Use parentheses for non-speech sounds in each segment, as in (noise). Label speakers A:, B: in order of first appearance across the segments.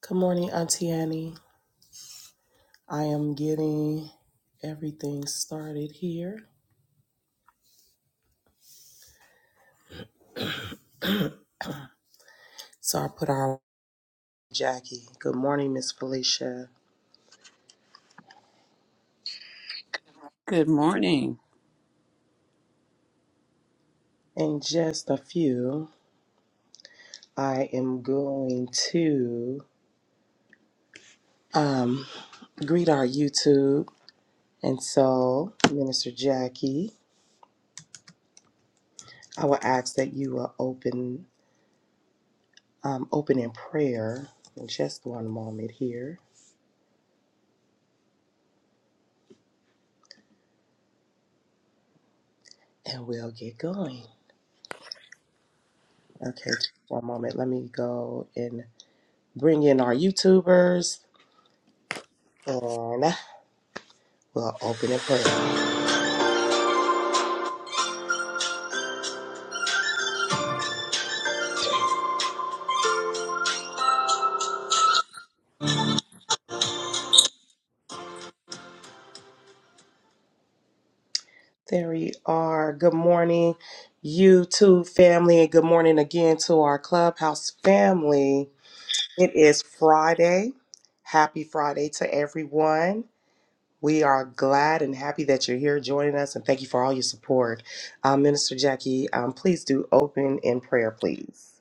A: Good morning, Auntie Annie. I am getting everything started here. So I put on Jackie. Good morning, Miss Felicia.
B: Good morning.
A: In just a few, I am going to um, greet our YouTube. And so, Minister Jackie, I will ask that you will open um, open in prayer in just one moment here, and we'll get going. Okay, just one moment. Let me go and. bring in our YouTubers, and we'll open in prayer. There we are. Good morning, YouTube family, and good morning again to our Clubhouse family. It is Friday. Happy Friday to everyone. We are glad and happy that you're here joining us, and thank you for all your support. Uh, Minister Jackie, um, please do open in prayer, please.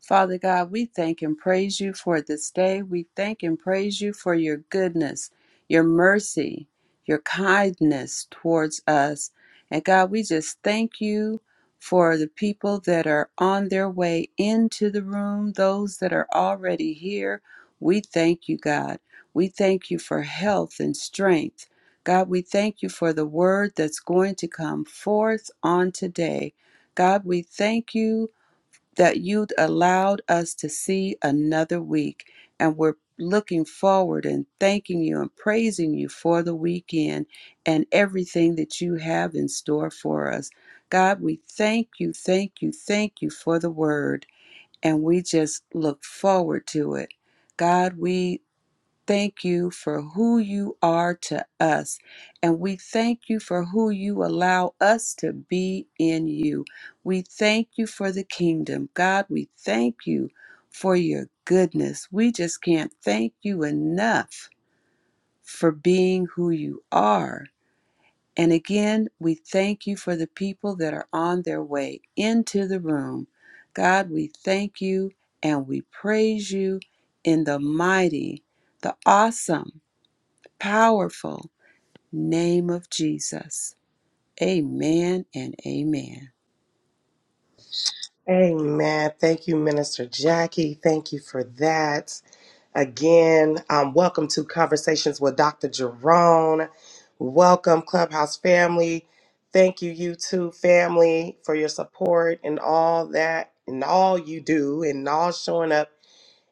B: Father God, we thank and praise you for this day. We thank and praise you for your goodness, your mercy, your kindness towards us. And God, we just thank you for the people that are on their way into the room, those that are already here. We thank you, God. We thank you for health and strength. God, we thank you for the word that's going to come forth on today. God, we thank you that you would allowed us to see another week. And we're looking forward and thanking you and praising you for the weekend and everything that you have in store for us. God, we thank you, thank you, thank you for the word. And we just look forward to it. God, we thank you for who you are to us. And we thank you for who you allow us to be in you. We thank you for the kingdom. God, we thank you for your goodness. We just can't thank you enough for being who you are. And again, we thank you for the people that are on their way into the room. God, we thank you and we praise you in the mighty, the awesome, powerful name of Jesus. Amen and amen.
A: Amen. Thank you, Minister Jackie. Thank you for that. Again, um, welcome to Conversations with Dr. Jerome. Welcome, Clubhouse family. Thank you, you two family, for your support and all that, and all you do, and all showing up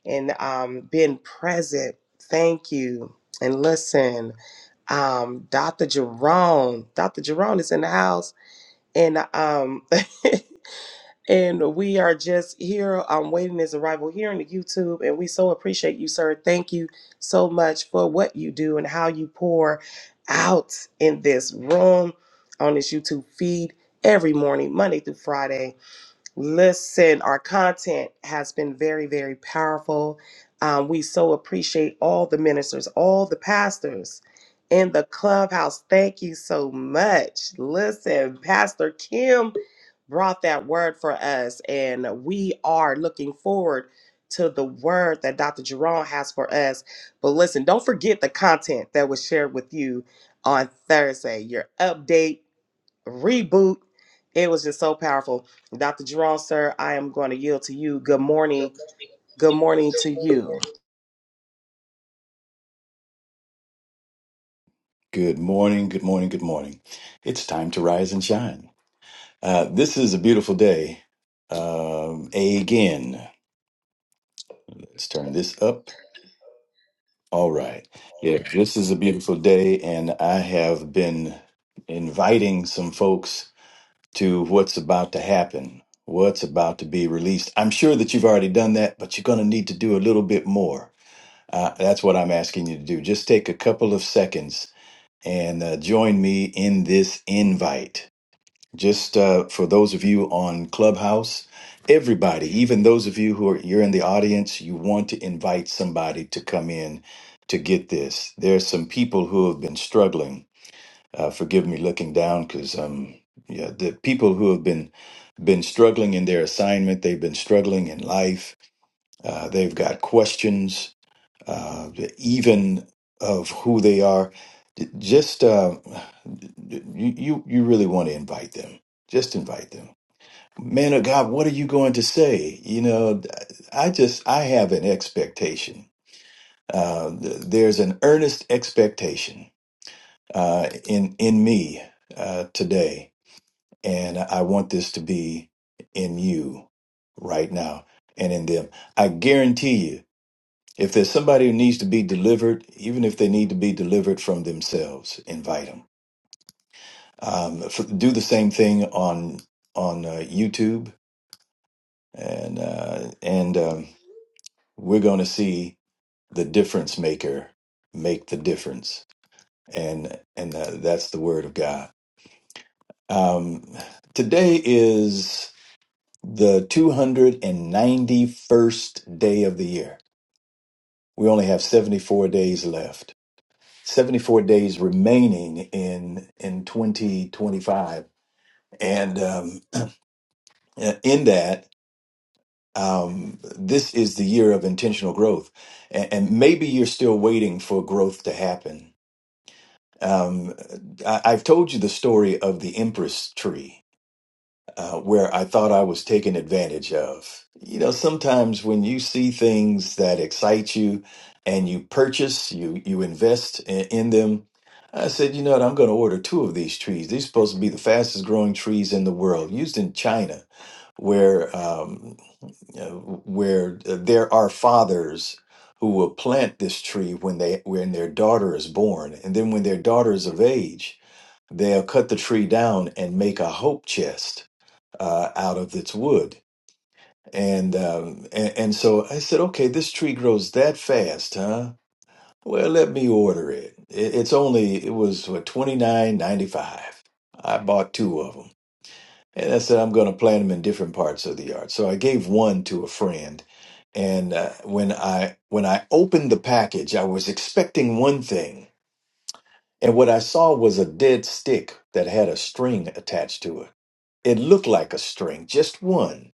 A: and um, being present. Thank you. And listen, um, Dr. Jerome, Dr. Jerome is in the house, and um, (laughs) And we are just here. I'm waiting his arrival here on the YouTube. And we so appreciate you, sir. Thank you so much for what you do and how you pour out in this room on this YouTube feed every morning, Monday through Friday. Listen, our content has been very, very powerful. Um, we so appreciate all the ministers, all the pastors in the clubhouse. Thank you so much. Listen, Pastor Kim brought that word for us. And we are looking forward to the word that Dr. Jerome has for us. But listen, don't forget the content that was shared with you on Thursday, your update, reboot. It was just so powerful. Dr. Jerome, sir, I am going to yield to you. Good morning. Good morning to you.
C: Good morning, good morning, good morning. It's time to rise and shine. Uh, this is a beautiful day. Um, again, let's turn this up. All right. Yeah, this is a beautiful day, and I have been inviting some folks to what's about to happen, what's about to be released. I'm sure that you've already done that, but you're going to need to do a little bit more. Uh, that's what I'm asking you to do. Just take a couple of seconds and uh, join me in this invite just uh, for those of you on clubhouse everybody even those of you who are you're in the audience you want to invite somebody to come in to get this there are some people who have been struggling uh, forgive me looking down because um yeah the people who have been been struggling in their assignment they've been struggling in life uh, they've got questions uh, even of who they are just uh, you you you really want to invite them just invite them man of God, what are you going to say? You know, I just, I have an expectation. Uh, th- there's an earnest expectation uh, in in me uh, today, and I want this to be in you right now and in them. I guarantee you, if there's somebody who needs to be delivered, even if they need to be delivered from themselves, invite them. Um, f- do the same thing on on uh, YouTube and uh, and. Um, we're going to see the difference maker make the difference and and tha- that's the word of god um today is the 291st day of the year we only have 74 days left 74 days remaining in in 2025 and um in that um this is the year of intentional growth and, and maybe you're still waiting for growth to happen Um, I, I've told you the story of the Empress tree, uh, where I thought I was taken advantage of. You know, sometimes when you see things that excite you and you purchase, you, you invest in, in them. I said, you know what? I'm going to order two of these trees. These are supposed to be the fastest growing trees in the world, used in China, where um, uh, where uh, there are fathers who will plant this tree when they when their daughter is born and then when their daughter is of age they'll cut the tree down and make a hope chest uh, out of its wood and, um, and and so i said okay this tree grows that fast huh well let me order it, it it's only it was what 29.95 i bought two of them and I said, I'm going to plant them in different parts of the yard. So I gave one to a friend. And uh, when I when I opened the package, I was expecting one thing, and what I saw was a dead stick that had a string attached to it. It looked like a string, just one,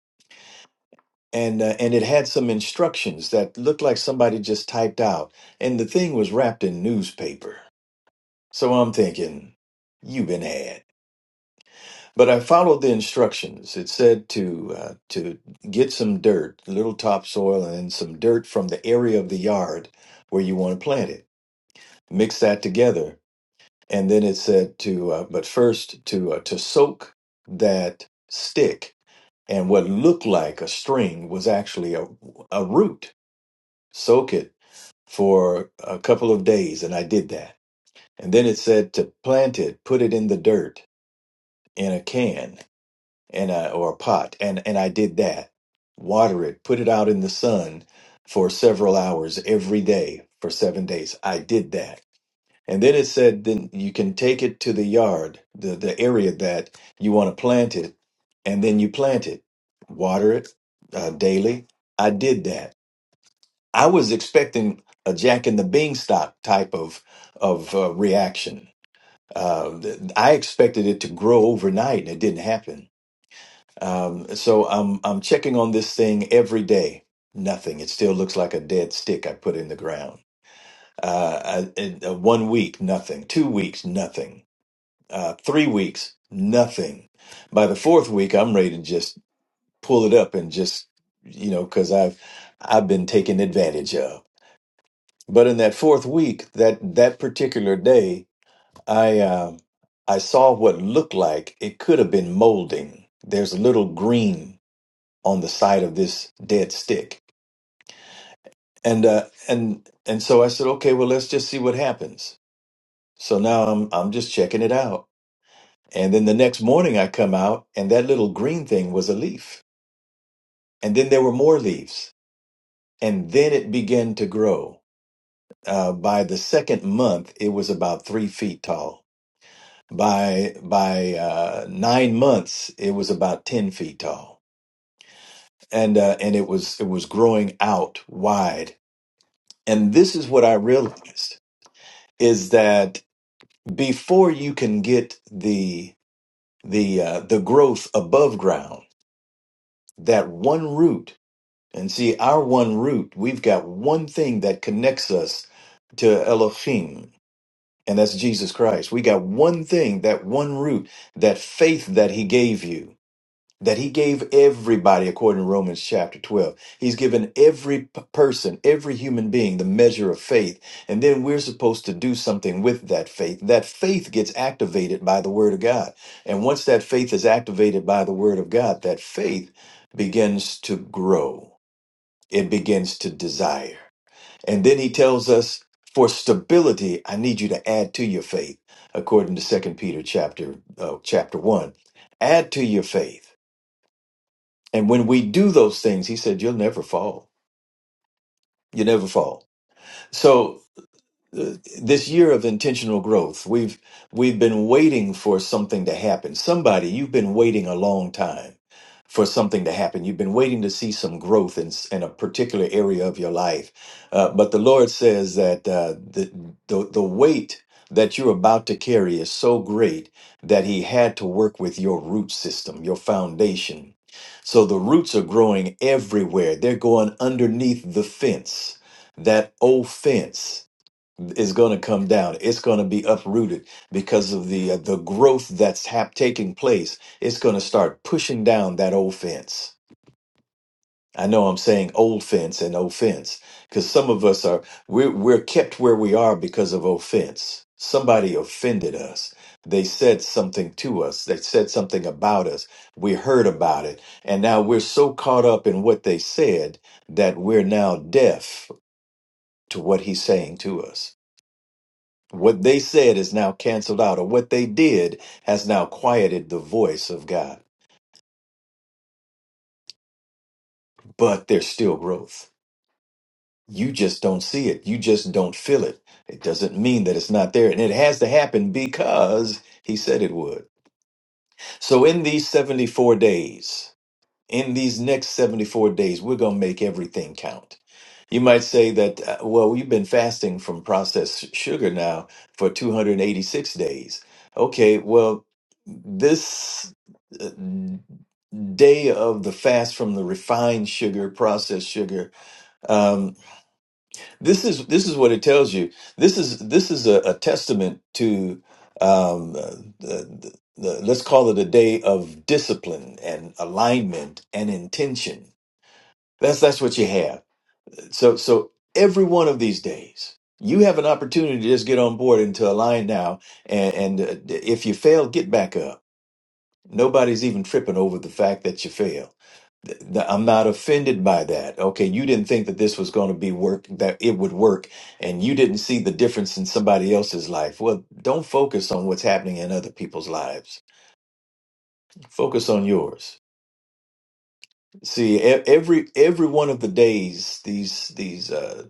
C: and uh, and it had some instructions that looked like somebody just typed out. And the thing was wrapped in newspaper. So I'm thinking, you've been had. But I followed the instructions. It said to uh, to get some dirt, a little topsoil, and some dirt from the area of the yard where you want to plant it. Mix that together, and then it said to uh, but first to uh, to soak that stick and what looked like a string was actually a a root. Soak it for a couple of days, and I did that. And then it said to plant it, put it in the dirt in a can, and I, or a pot and and I did that water it put it out in the sun for several hours every day for 7 days I did that and then it said then you can take it to the yard the the area that you want to plant it and then you plant it water it uh, daily I did that I was expecting a jack and the beanstalk type of of uh, reaction uh, th- I expected it to grow overnight and it didn't happen um, so I'm I'm checking on this thing every day. Nothing. It still looks like a dead stick I put in the ground. Uh, I, in, uh, one week, nothing. Two weeks, nothing. Uh, three weeks, nothing. By the fourth week, I'm ready to just pull it up and just you know because I've I've been taken advantage of. But in that fourth week, that that particular day, I um I saw what looked like it could have been molding. There's a little green on the side of this dead stick. And uh, and and so I said, okay, well, let's just see what happens. So now I'm I'm just checking it out. And then the next morning I come out, and that little green thing was a leaf. And then there were more leaves, and then it began to grow. Uh, by the second month, it was about three feet tall. By by uh, nine months, it was about ten feet tall, and uh, and it was it was growing out wide. And this is what I realized. is that before you can get the the uh, the growth above ground, that one root, and see our one root, we've got one thing that connects us to Elohim, and that's Jesus Christ. We got one thing, that one root, that faith that He gave you that he gave everybody according to Romans chapter 12. He's given every p- person, every human being the measure of faith. And then we're supposed to do something with that faith. That faith gets activated by the word of God. And once that faith is activated by the word of God, that faith begins to grow. It begins to desire. And then he tells us for stability, I need you to add to your faith according to Second Peter chapter uh, chapter 1. Add to your faith and when we do those things, he said, you'll never fall. You never fall. So this year of intentional growth we've we've been waiting for something to happen somebody you've been waiting a long time for something to happen you've been waiting to see some growth in, s- in a particular area of your life Uh, but the lord says that uh, the, the the weight that you're about to carry is so great that he had to work with your root system your foundation so the roots are growing everywhere they're going underneath the fence that old fence is going to come down. It's going to be uprooted because of the uh, the growth that's hap- taking place. It's going to start pushing down that old fence. I know I'm saying old fence and offense because some of us are we're, we're kept where we are because of offense. Somebody offended us. They said something to us. They said something about us. We heard about it. And now we're so caught up in what they said that we're now deaf to what he's saying to us. What they said is now canceled out, or what they did has now quieted the voice of God. But there's still growth. You just don't see it. You just don't feel it. It doesn't mean that it's not there. And it has to happen because he said it would. So, in these 74 days, in these next 74 days, we're going to make everything count. You might say that, uh, well, we've been fasting from processed sugar now for 286 days. Okay, well, this uh, day of the fast from the refined sugar, processed sugar, um, this is this is what it tells you. This is this is a, a testament to um, uh, the, the, let's call it a day of discipline and alignment and intention. That's that's what you have. So, so every one of these days, you have an opportunity to just get on board into a line now, and, and uh, if you fail, get back up. Nobody's even tripping over the fact that you failed. Th- th- I'm not offended by that. Okay, you didn't think that this was going to be work that it would work, and you didn't see the difference in somebody else's life. Well, don't focus on what's happening in other people's lives. Focus on yours. See, e- every every one of the days, these these uh,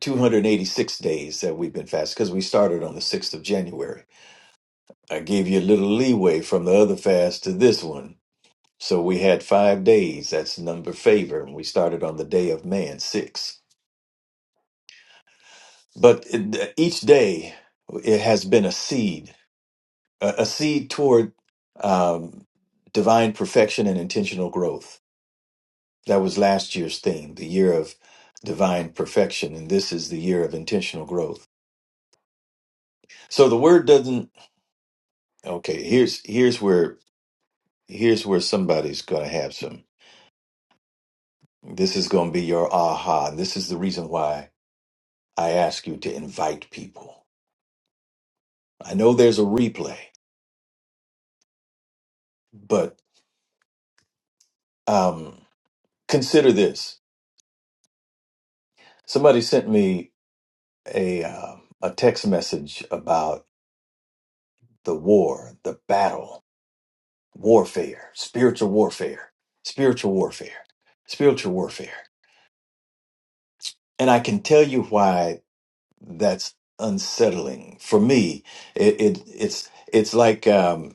C: 286 days that we've been fasting because we started on the 6th of January. I gave you a little leeway from the other fast to this one. So we had five days. That's number favor. And we started on the day of man, six. But it- each day, it has been a seed, a, a seed toward um, divine perfection and intentional growth. That was last year's theme, the year of divine perfection. And this is the year of intentional growth. So the word doesn't okay here's here's where here's where somebody's going to have some. This is going to be your aha. And this is the reason why I ask you to invite people. I know there's a replay, but um, consider this. Somebody sent me a, uh, a text message about the war, the battle, warfare, spiritual warfare, spiritual warfare, spiritual warfare. And I can tell you why that's unsettling for me. It, it it's it's like um.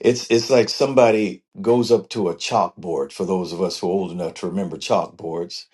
C: It's it's like somebody goes up to a chalkboard. For those of us who are old enough to remember chalkboards,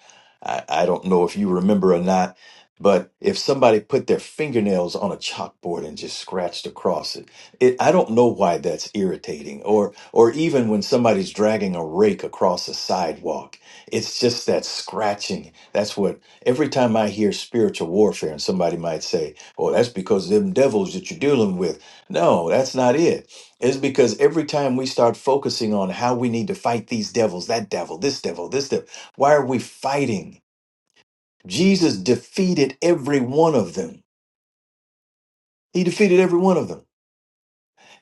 C: I, I don't know if you remember or not, but if somebody put their fingernails on a chalkboard and just scratched across it, it I don't know why that's irritating. Or or even when somebody's dragging a rake across a sidewalk, it's just that scratching. That's what every time I hear spiritual warfare, and somebody might say, "Oh, that's because them devils that you're dealing with." No, that's not it it's because every time we start focusing on how we need to fight these devils, that devil, this devil, this devil, why are we fighting? Jesus defeated every one of them. He defeated every one of them.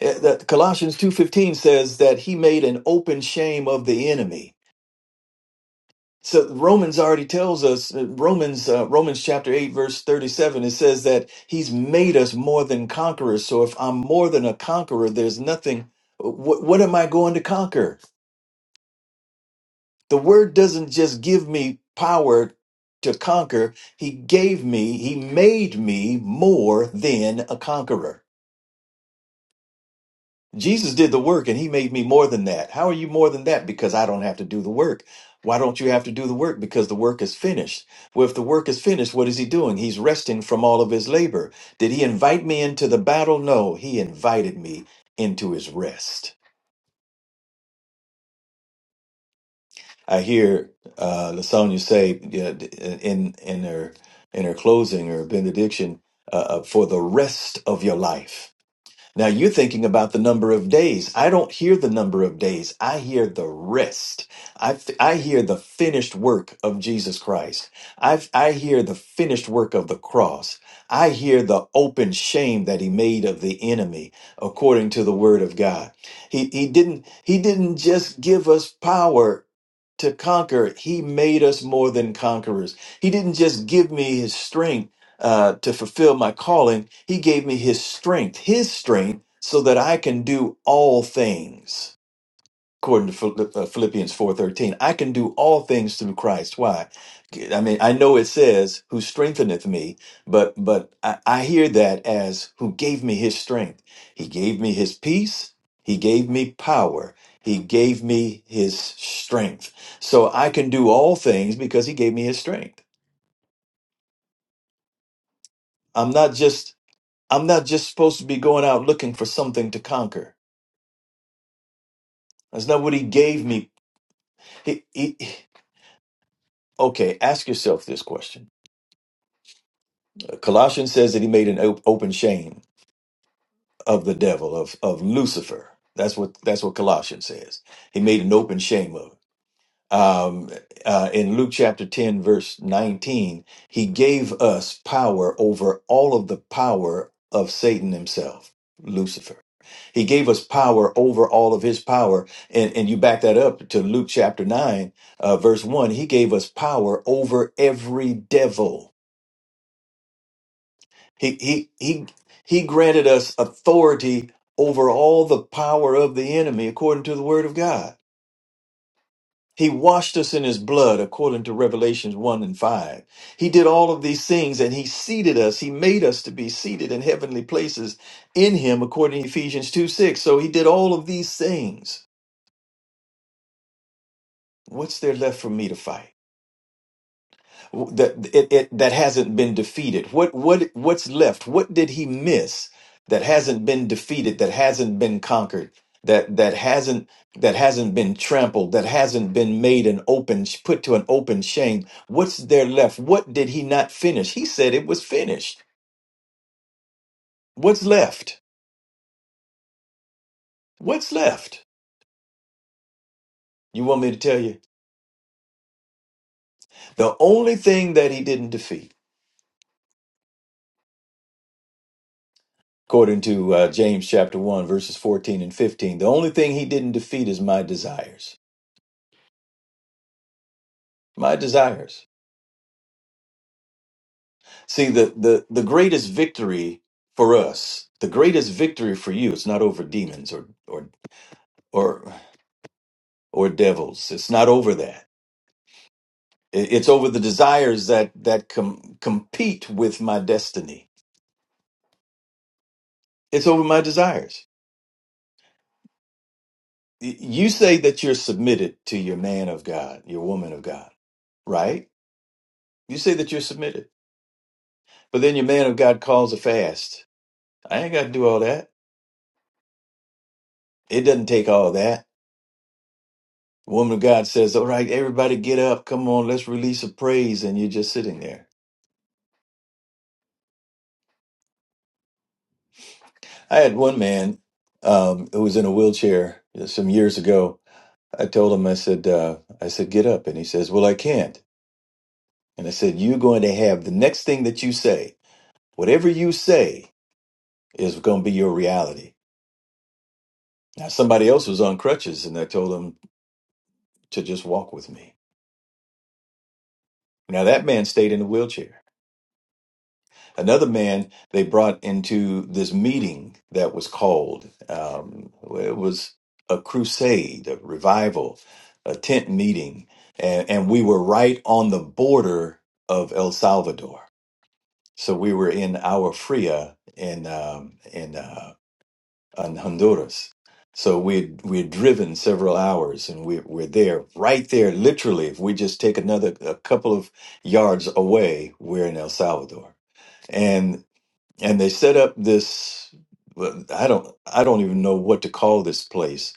C: Eh, That Colossians 2:15 says that he made an open shame of the enemy. So Romans already tells us eh, Romans uh, Romans chapter 8 verse 37 it says that he's made us more than conquerors. So if I'm more than a conqueror, there's nothing what, what am I going to conquer? The word doesn't just give me power to conquer, he gave me, he made me more than a conqueror. Jesus did the work and he made me more than that. How are you more than that? Because I don't have to do the work. Why don't you have to do the work? Because the work is finished. Well, if the work is finished, what is he doing? He's resting from all of his labor. Did he invite me into the battle? No, he invited me into his rest. I hear uh, Lasonia say yeah, d- in in her in her closing or benediction uh, uh, for the rest of your life. Now you're thinking about the number of days. I don't hear the number of days. I hear the rest. I f- I hear the finished work of Jesus Christ. I f- I hear the finished work of the cross. I hear the open shame that he made of the enemy according to the word of God. He he didn't he didn't just give us power to conquer. He made us more than conquerors. He didn't just give me his strength uh, to fulfill my calling, he gave me his strength, his strength, so that I can do all things according to uh, Philippians 4:13, I can do all things through Christ. Why? I mean, I know it says who strengtheneth me, but but I, I hear that as who gave me his strength. He gave me his peace, he gave me power, he gave me his strength. So I can do all things because he gave me his strength. I'm not just I'm not just supposed to be going out looking for something to conquer. That's not what he gave me. He, he, okay, ask yourself this question Colossians says that he made an op- open shame of the devil of of Lucifer. That's what that's what Colossians says. He made an open shame of. it. Um, uh, in Luke chapter ten verse nineteen, he gave us power over all of the power of Satan himself, Lucifer. He gave us power over all of his power, and and you back that up to Luke chapter nine, uh, verse one. He gave us power over every devil He he he he granted us authority over all the power of the enemy according to the word of God. He washed us in his blood according to Revelations 1 and 5. He did all of these things and he seated us. He made us to be seated in heavenly places in him according to Ephesians 2 6. So he did all of these things. What's there left for me to fight? that it, it that hasn't been defeated what what what's left what did he miss that hasn't been defeated that hasn't been conquered that that hasn't that hasn't been trampled that hasn't been made an open put to an open shame what's there left what did he not finish he said it was finished what's left what's left you want me to tell you the only thing that he didn't defeat according to uh, james chapter 1 verses 14 and 15 the only thing he didn't defeat is my desires my desires. See, the, the, the greatest victory for us, the greatest victory for you, it's not over demons or, or, or, or devils. It's not over that. It- It's over the desires that, that com- compete with my destiny. It's over my desires. Y- You say that you're submitted to your man of God, your woman of God, right? You say that you're submitted, but then your man of God calls a fast. I ain't got to do all that. It doesn't take all that. The woman of God says, All right, everybody get up. Come on, let's release a praise. And you're just sitting there. I had one man um, who was in a wheelchair uh, some years ago. I told him, I said, uh, I said, get up. And he says, Well, I can't. And I said, You're going to have the next thing that you say, whatever you say is going to be your reality. Now, somebody else was on crutches, and I told him to just walk with me. Now, that man stayed in the wheelchair. another man they brought into this meeting that was called um, it was a crusade a revival a tent meeting and, and we were right on the border of el salvador so we were in our fria in um, in, uh, in honduras so we we had driven several hours and we, we're there right there literally if we just take another a couple of yards away we're in el salvador and and they set up this well, i don't i don't even know what to call this place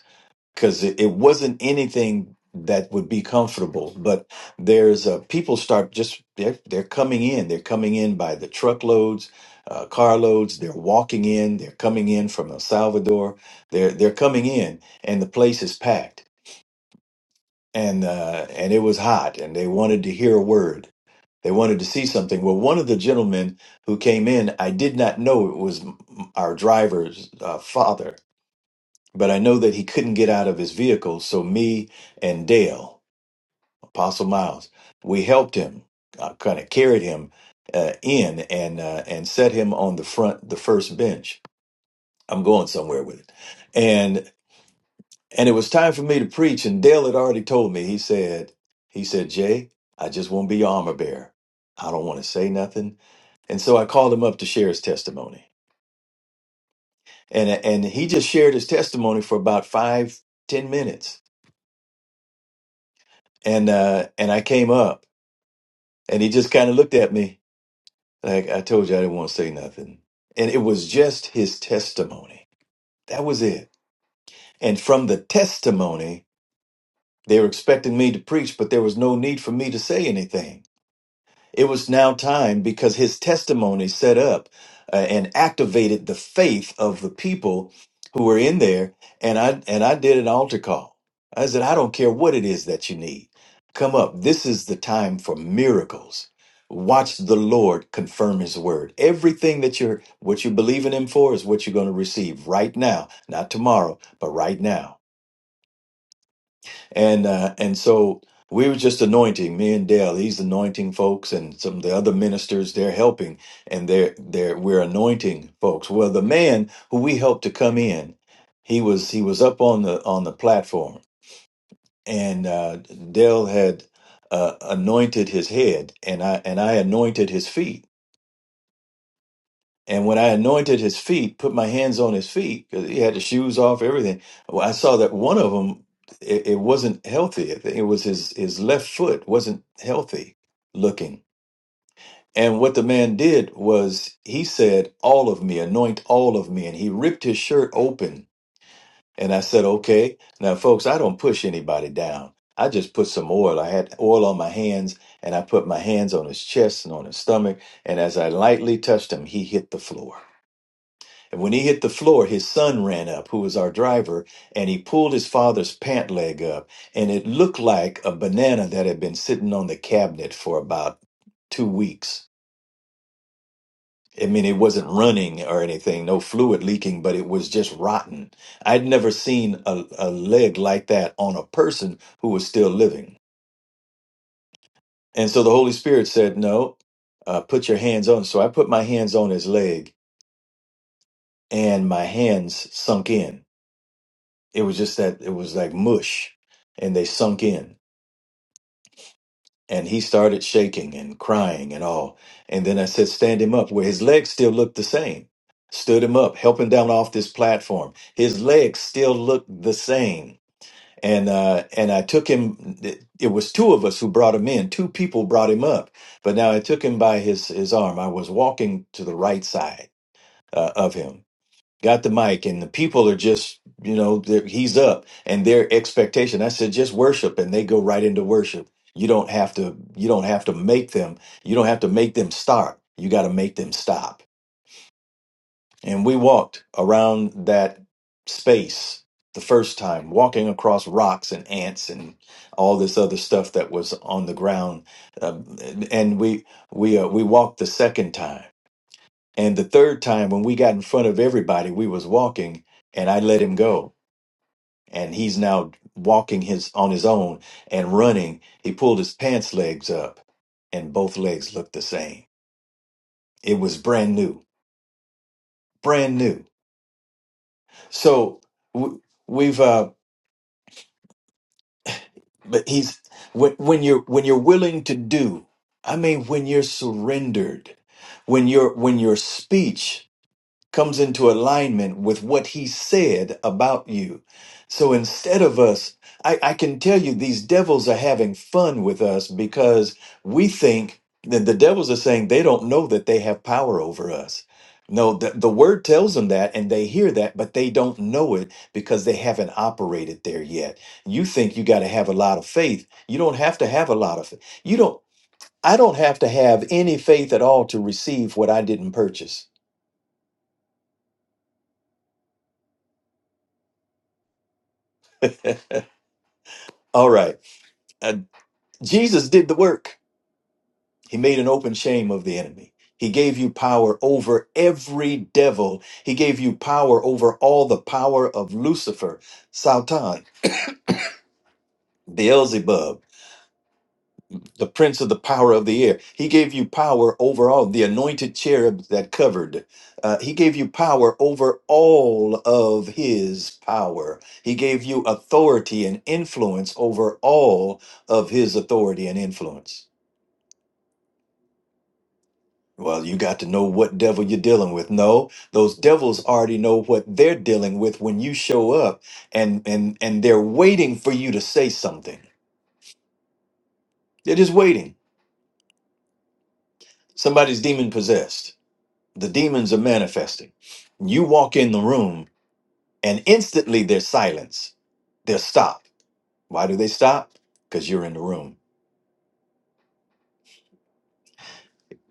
C: because it, it wasn't anything that would be comfortable but there's uh, people start just they're, they're coming in they're coming in by the truckloads uh, carloads they're walking in they're coming in from el salvador they're they're coming in and the place is packed and uh, and it was hot and they wanted to hear a word they wanted to see something. Well, one of the gentlemen who came in, I did not know it was m- our driver's uh, father, but I know that he couldn't get out of his vehicle. So me and Dale, Apostle Miles, we helped him, uh, kind of carried him uh, in and uh, and set him on the front, the first bench. I'm going somewhere with it, and and it was time for me to preach. And Dale had already told me. He said, he said, Jay, I just won't be your armor bearer. I don't want to say nothing. And so I called him up to share his testimony. And and he just shared his testimony for about five, ten minutes. And uh and I came up and he just kind of looked at me like I told you I didn't want to say nothing. And it was just his testimony. That was it. And from the testimony, they were expecting me to preach, but there was no need for me to say anything It was now time because his testimony set up uh, and activated the faith of the people who were in there. And I and I did an altar call. I said, I don't care what it is that you need. Come up. This is the time for miracles. Watch the Lord confirm his word. Everything that you're what you believe in him for is what you're going to receive right now. Not tomorrow, but right now and uh, and so we were just anointing me and Dale. He's anointing folks, and some of the other ministers they're helping, and they're they're we're anointing folks. Well, the man who we helped to come in, he was he was up on the on the platform, and uh, Dale had uh, anointed his head, and I and I anointed his feet and when I anointed his feet, put my hands on his feet, because he had the shoes off, everything. Well, I saw that one of them, it, it wasn't healthy. I think It was his his left foot wasn't healthy looking. And what the man did was he said, "All of me, anoint all of me," and he ripped his shirt open. And I said, "Okay, now, folks, I don't push anybody down. I just put some oil. I had oil on my hands, and I put my hands on his chest and on his stomach. And as I lightly touched him, he hit the floor." And when he hit the floor, his son ran up, who was our driver, and he pulled his father's pant leg up. And it looked like a banana that had been sitting on the cabinet for about two weeks. I mean, it wasn't running or anything, no fluid leaking, but it was just rotten. I'd never seen a, a leg like that on a person who was still living. And so the Holy Spirit said, No, uh, put your hands on. So I put my hands on his leg, and my hands sunk in It was just that it was like mush and they sunk in. And he started shaking and crying and all. And then I said, Stand him up, where his legs still looked the same. Stood him up, help him down off this platform. His legs still looked the same. And uh, and I took him. It it was two of us who brought him in. Two people brought him up. But now I took him by his his arm. I was walking to the right side uh, of him, got the mic and the people are just you know they're- he's up and their expectation i said just worship and they go right into worship you don't have to you don't have to make them you don't have to make them start you got to make them stop and we walked around that space the first time walking across rocks and ants and all this other stuff that was on the ground um, and we we uh, we walked the second time and the third time when we got in front of everybody, we was walking and I let him go. And he's now walking his on his own and running. He pulled his pants legs up and both legs looked the same. It was brand new, brand new. So w- we've uh but he's when, when you're when you're willing to do, I mean when you're surrendered, when your when your speech comes into alignment with what he said about you. So instead of us, I, I can tell you these devils are having fun with us because we think that the devils are saying they don't know that they have power over us. No, the, the word tells them that and they hear that, but they don't know it because they haven't operated there yet. You think you got to have a lot of faith. You don't have to have a lot of faith. You don't, I don't have to have any faith at all to receive what I didn't purchase. All right Uh, Jesus did the work. He made an open shame of the enemy. He gave you power over every devil. He gave you power over all the power of Lucifer, Satan, Beelzebub, the prince of the power of the air. He gave you power over all the anointed cherub that covered. Uh, he gave you power over all of his power. He gave you authority and influence over all of his authority and influence. Well, you got to know what devil you're dealing with. No, those devils already know what they're dealing with when you show up and and and they're waiting for you to say something. They're just waiting. Somebody's demon possessed. The demons are manifesting. You walk in the room and instantly there's silence. They're stopped. Why do they stop? Because you're in the room.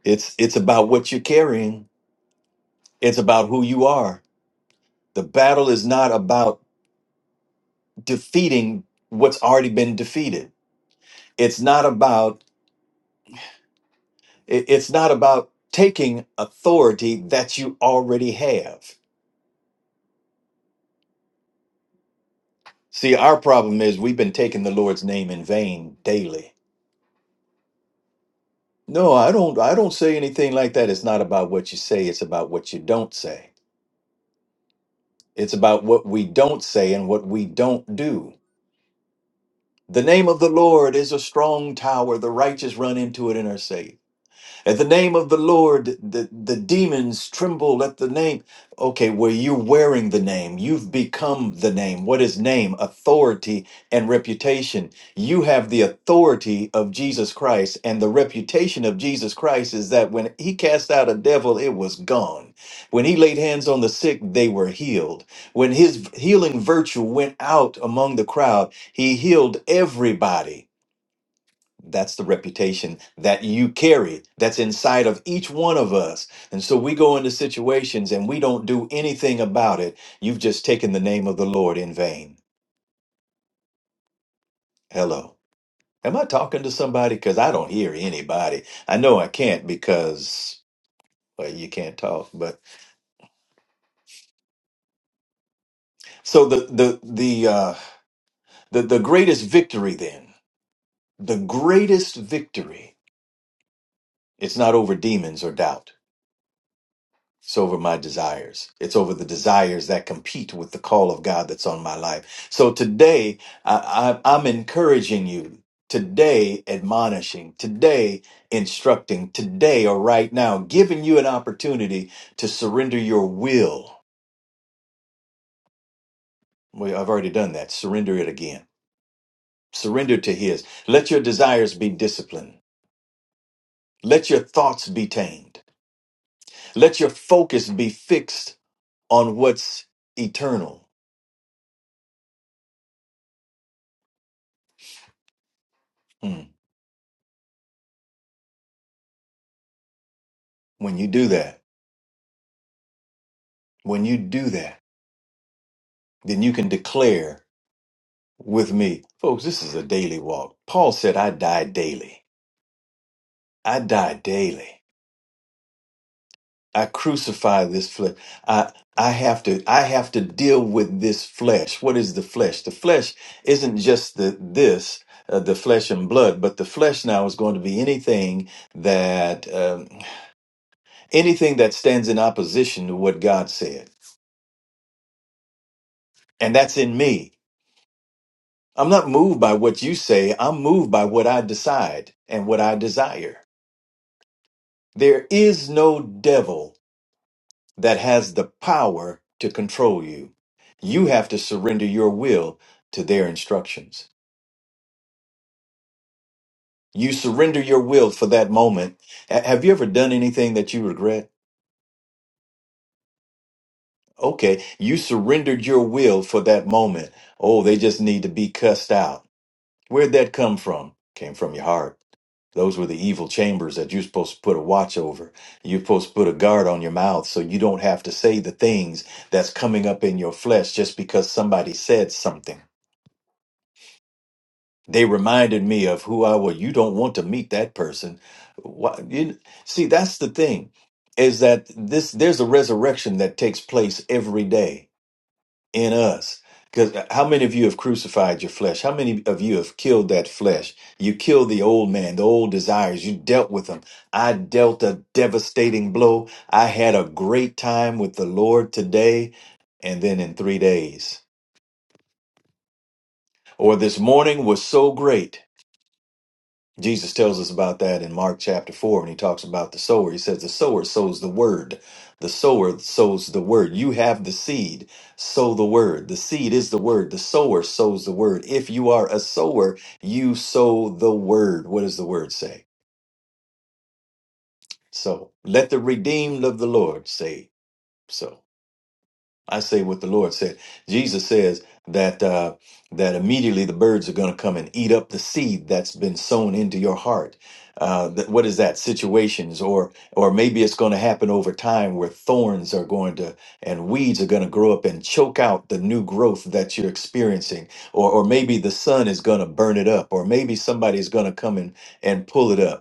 C: It's it's about what you're carrying. It's about who you are. The battle is not about defeating what's already been defeated it's not about it- it's not about taking authority that you already have see our problem is we've been taking the lord's name in vain daily no i don't i don't say anything like that it's not about what you say it's about what you don't say it's about what we don't say and what we don't do the name of the lord is a strong tower the righteous run into it and are saved At the name of the Lord, the, the demons tremble at the name. Okay, well, you're wearing the name. You've become the name. What is name? Authority and reputation. You have the authority of Jesus Christ, and the reputation of Jesus Christ is that when he cast out a devil, it was gone. When he laid hands on the sick, they were healed. When his healing virtue went out among the crowd, he healed everybody. That's the reputation that you carry, that's inside of each one of us. And so we go into situations and we don't do anything about it. You've just taken the name of the Lord in vain. Hello. Am I talking to somebody? Because I don't hear anybody. I know I can't because well, you can't talk. But so the the the uh, the, the greatest victory then, the greatest victory, it's not over demons or doubt. It's over my desires. It's over the desires that compete with the call of God that's on my life. So today, I, I, I'm encouraging you, today, admonishing, today, instructing, today, or right now, giving you an opportunity to surrender your will. Well, I've already done that. Surrender it again. Surrender to His. Let your desires be disciplined. Let your thoughts be tamed. Let your focus be fixed on what's eternal. Hmm. When you do that, When you do that, then you can declare with me, folks, this is a daily walk. Paul said, I die daily. I die daily. I crucify this flesh. I, I have to, I have to deal with this flesh. What is the flesh? The flesh isn't just the, this, uh, the flesh and blood, but the flesh now is going to be anything that, um, anything that stands in opposition to what God said. And that's in me. I'm not moved by what you say. I'm moved by what I decide and what I desire. There is no devil that has the power to control you. You have to surrender your will to their instructions. You surrender your will for that moment. Ha- Have you ever done anything that you regret? Okay, you surrendered your will for that moment. Oh, they just need to be cussed out. Where'd that come from? Came from your heart. Those were the evil chambers that you're supposed to put a watch over. You're supposed to put a guard on your mouth so you don't have to say the things that's coming up in your flesh just because somebody said something. They reminded me of who I was. You don't want to meet that person. Why, you, see, that's the thing is that this there's a resurrection that takes place every day in us. Because how many of you have crucified your flesh? How many of you have killed that flesh? You killed the old man, the old desires. You dealt with them. I dealt a devastating blow. I had a great time with the Lord today, and then in three days. Or this morning was so great. Jesus tells us about that in Mark chapter 4 when he talks about the sower. He says, The sower sows the word. The sower sows the word. You have the seed, sow the word. The seed is the word. The sower sows the word. If you are a sower, you sow the word. What does the word say? So let the redeemed of the Lord say so. I say what the Lord said. Jesus says that uh, that immediately the birds are going to come and eat up the seed that's been sown into your heart. Uh, that, what is that? Situations, or or maybe it's going to happen over time where thorns are going to and weeds are going to grow up and choke out the new growth that you're experiencing, or or maybe the sun is going to burn it up, or maybe somebody's going to come and and pull it up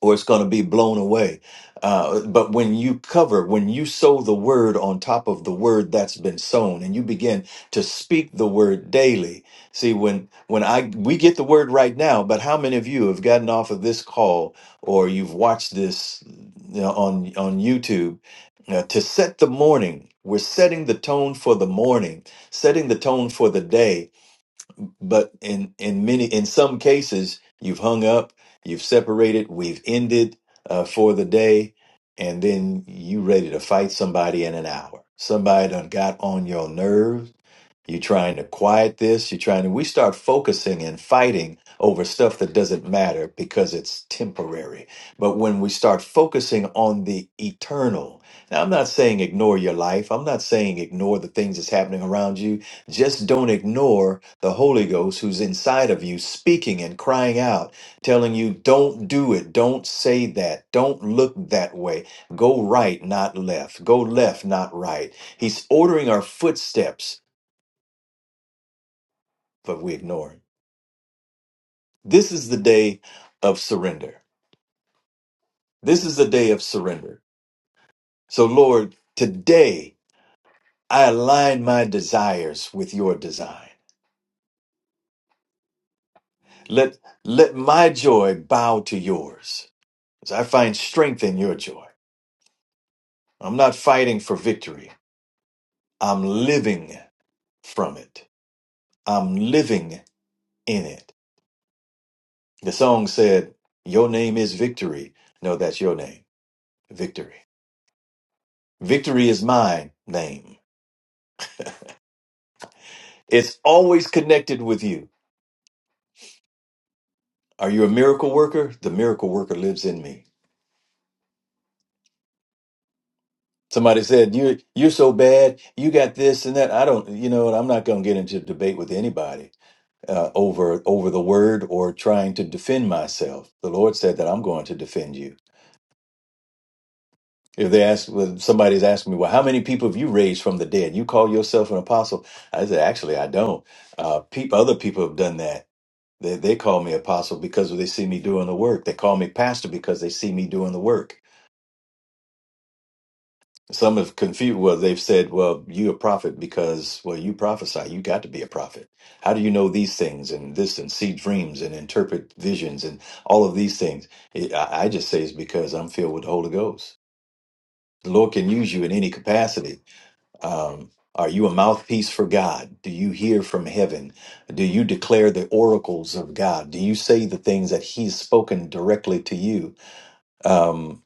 C: or it's going to be blown away. Uh, but when you cover, when you sow the word on top of the word that's been sown, and you begin to speak the word daily. See, when when I we get the word right now, but how many of you have gotten off of this call or you've watched this you know, on on YouTube uh, to set the morning? We're setting the tone for the morning, setting the tone for the day but in in many in some cases you've hung up you've separated we've ended uh, for the day and then you ready to fight somebody in an hour somebody done got on your nerves you're trying to quiet this. You're trying to. We start focusing and fighting over stuff that doesn't matter because it's temporary. But when we start focusing on the eternal, now I'm not saying ignore your life. I'm not saying ignore the things that's happening around you. Just don't ignore the Holy Ghost who's inside of you speaking and crying out, telling you, don't do it. Don't say that. Don't look that way. Go right, not left. Go left, not right. He's ordering our footsteps but we ignore it. This is the day of surrender. This is the day of surrender. So, Lord, today I align my desires with your design. Let, let my joy bow to yours as I find strength in your joy. I'm not fighting for victory, I'm living from it. I'm living in it. The song said, Your name is victory. No, that's your name, victory. Victory is my name. It's always connected with you. Are you a miracle worker? The miracle worker lives in me. Somebody said, You're you're so bad, you got this and that. I don't you know, and I'm not gonna get into debate with anybody uh, over over the word or trying to defend myself. The Lord said that I'm going to defend you. If they ask well, somebody's asking me, Well, how many people have you raised from the dead? You call yourself an apostle. I said, actually I don't. Uh, peop other people have done that They they call me apostle because they see me doing the work. They call me pastor because they see me doing the work. Some have confused. Well, they've said, "Well, you a prophet because well, you prophesy. You got to be a prophet. How do you know these things and this and see dreams and interpret visions and all of these things?" It, I, I just say it's because I'm filled with the Holy Ghost. The Lord can use you in any capacity Um, are you a mouthpiece for God? Do you hear from heaven? Do you declare the oracles of God? Do you say the things that He's spoken directly to you? Um,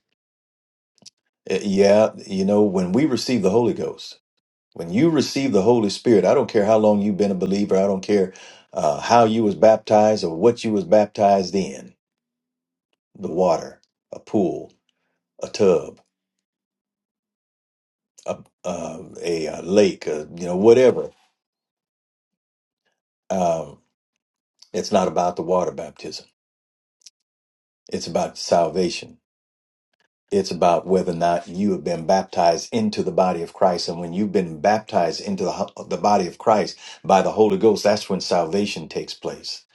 C: eh, yeah, you know, when we receive the Holy Ghost, when you receive the Holy Spirit, I don't care how long you've been a believer, I don't care uh, how you was baptized or what you was baptized in, the water, a pool, a tub, a, uh, a, uh lake, uh, you know, whatever. Um, it's not about the water baptism. It's about salvation. It's about whether or not you have been baptized into the body of Christ. And when you've been baptized into the, ho- the body of Christ by the Holy Ghost, that's when salvation takes place.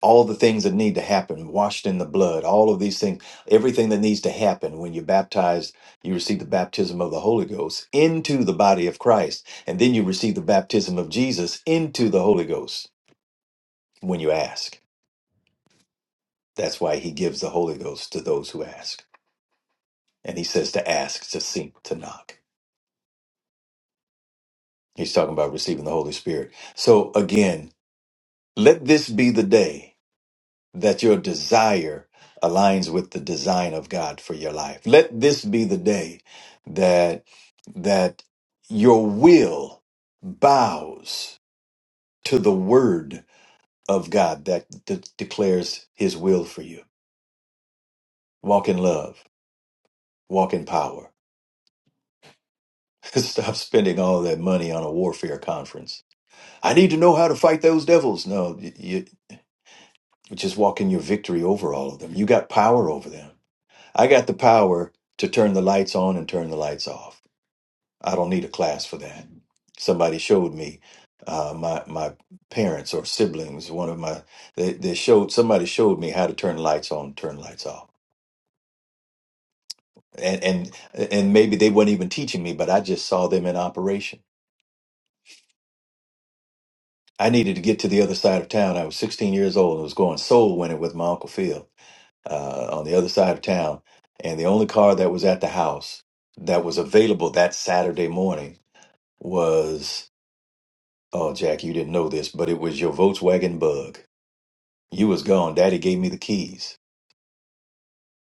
C: All the things that need to happen, washed in the blood, all of these things, everything that needs to happen when you're baptized, you receive the baptism of the Holy Ghost into the body of Christ. And then you receive the baptism of Jesus into the Holy Ghost when you ask. That's why he gives the Holy Ghost to those who ask. And he says to ask, to seek, to knock. He's talking about receiving the Holy Spirit. So again, let this be the day that your desire aligns with the design of God for your life. Let this be the day that that your will bows to the word of God that de- declares his will for you. Walk in love, walk in power. (laughs) Stop spending all that money on a warfare conference I need to know how to fight those devils. No, you, you just walk in your victory over all of them. You got power over them. I got the power to turn the lights on and turn the lights off. I don't need a class for that. Somebody showed me uh, my my parents or siblings. One of my they, they showed somebody showed me how to turn lights on, turn lights off, and and and maybe they weren't even teaching me, but I just saw them in operation. I needed to get to the other side of town. I was 16 years old and was going soul winning with my uncle Phil uh, on the other side of town. And the only car that was at the house that was available that Saturday morning was, oh, Jack, you didn't know this, but it was your Volkswagen Bug. You was gone. Daddy gave me the keys.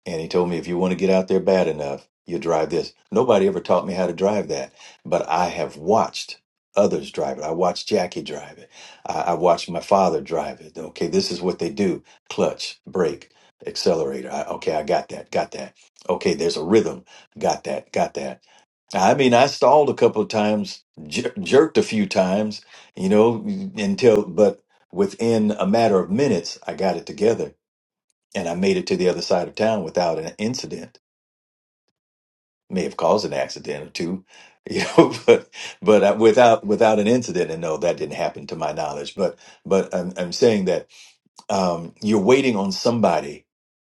C: And he told me, if you want to get out there bad enough, you drive this. Nobody ever taught me how to drive that, but I have watched others drive it. I watched Jackie drive it. I, I watched my father drive it. Okay, this is what they do clutch, brake, accelerator. I, okay, I got that, got that. Okay, there's a rhythm. Got that, got that. I mean, I stalled a couple of times, jer- jerked a few times, you know, until, but within a matter of minutes, I got it together and I made it to the other side of town without an incident. May have caused an accident or two, you know, (laughs) but but I, without without an incident. And no, that didn't happen to my knowledge. But but I'm I'm saying that um, you're waiting on somebody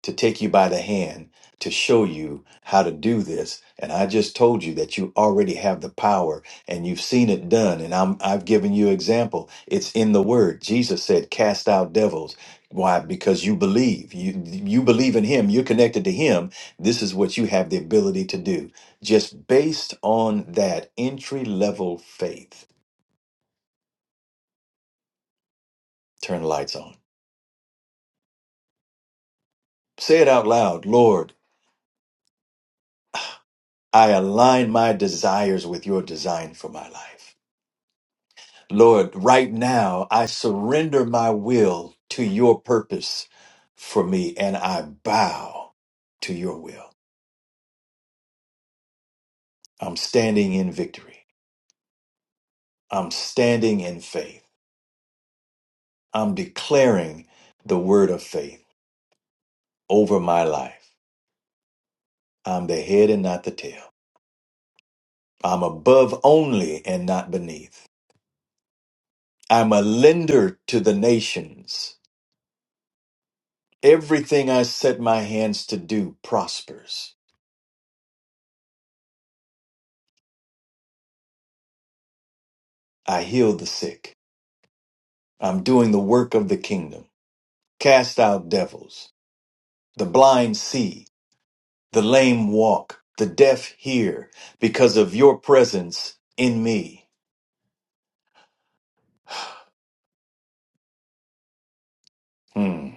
C: to take you by the hand to show you how to do this and i just told you that you already have the power and you've seen it done and I'm, i've given you example it's in the word jesus said cast out devils why because you believe you you believe in him you're connected to him this is what you have the ability to do just based on that entry level faith turn the lights on say it out loud lord i align my desires with your design for my life Lord, right now I surrender my will to your purpose for me and I bow to your will. I'm standing in victory. I'm standing in faith. I'm declaring the word of faith over my life. I'm the head and not the tail. I'm above only and not beneath. I'm a lender to the nations. Everything I set my hands to do prospers. I heal the sick. I'm doing the work of the kingdom. Cast out devils. The blind see. The lame walk. The deaf hear. Because of your presence in me. Hmm.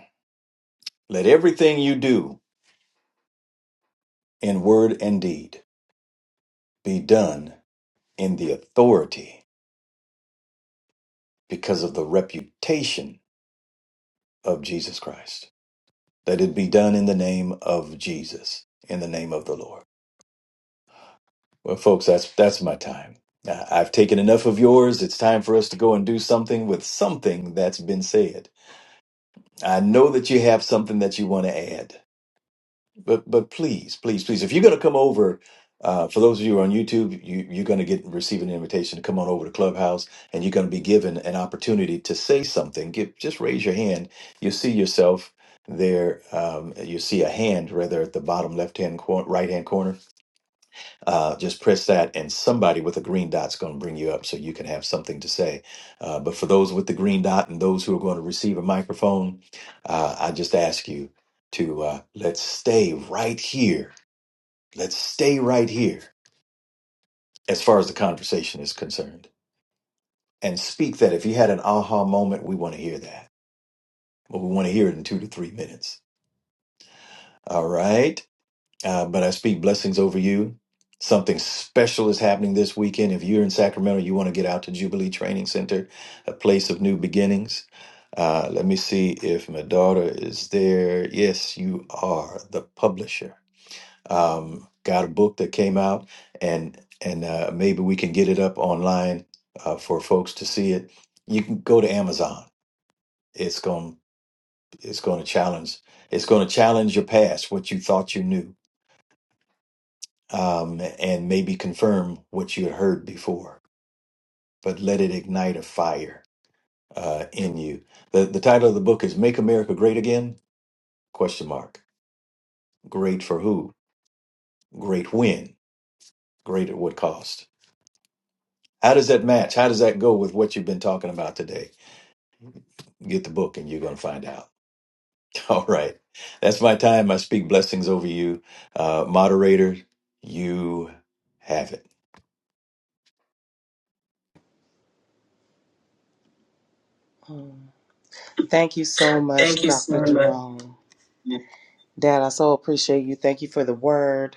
C: Let everything you do in word and deed be done in the authority because of the reputation of Jesus Christ. Let it be done in the name of Jesus, in the name of the Lord. Well, folks, that's that's my time. I- I've taken enough of yours. It's time for us to go and do something with something that's been said. I know that you have something that you want to add, but but please, please, please, if you're going to come over, uh, for those of you who are on YouTube, you, you're going to get receive an invitation to come on over to Clubhouse, and you're going to be given an opportunity to say something. Give, just raise your hand. You see yourself there. Um, you see a hand rather at the bottom left hand cor- right hand corner uh, just press that, and somebody with a green dot's going to bring you up so you can have something to say. Uh, but for those with the green dot and those who are going to receive a microphone, uh, I just ask you to uh, let's stay right here. Let's stay right here as far as the conversation is concerned. And speak that. If you had an aha moment, we want to hear that. But we want to hear it in two to three minutes. All right. Uh, but I speak blessings over you. Something special is happening this weekend. If you're in Sacramento, you want to get out to Jubilee Training Center, a place of new beginnings. Uh, let me see if my daughter is there. Yes, you are the publisher. Um, got a book that came out, and and uh, maybe we can get it up online uh, for folks to see it. You can go to Amazon. It's going it's going to challenge. It's going to challenge your past, what you thought you knew um, and maybe confirm what you had heard before, but let it ignite a fire uh, in you. The, the title of the book is Make America Great Again? Question mark. Great for who? Great when? Great at what cost? How does that match? How does that go with what you've been talking about today? Get the book and you're going to find out. (laughs) All right. That's my time. I speak blessings over you. Uh, moderator, you have it.
A: Thank you so much, Thank you Dr. so much. Jerome. Dad, I so appreciate you. Thank you for the word.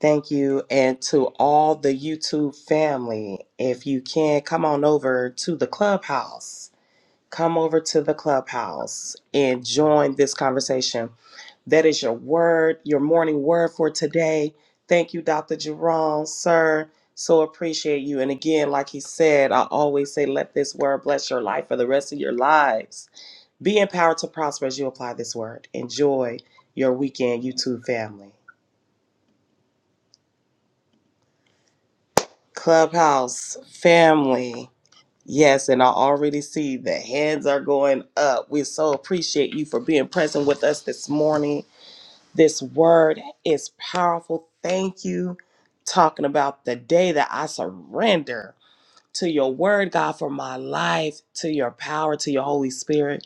A: Thank you. And to all the YouTube family, if you can, come on over to the clubhouse. Come over to the clubhouse and join this conversation. That is your word, your morning word for today. Thank you, Dr. Jerome, sir. So appreciate you. And again, like he said, I always say, let this word bless your life for the rest of your lives. Be empowered to prosper as you apply this word. Enjoy your weekend, YouTube family. Clubhouse family. Yes, and I already see the hands are going up. We so appreciate you for being present with us this morning. This word is powerful. Thank you. Talking about the day that I surrender to your word, God, for my life, to your power, to your Holy Spirit.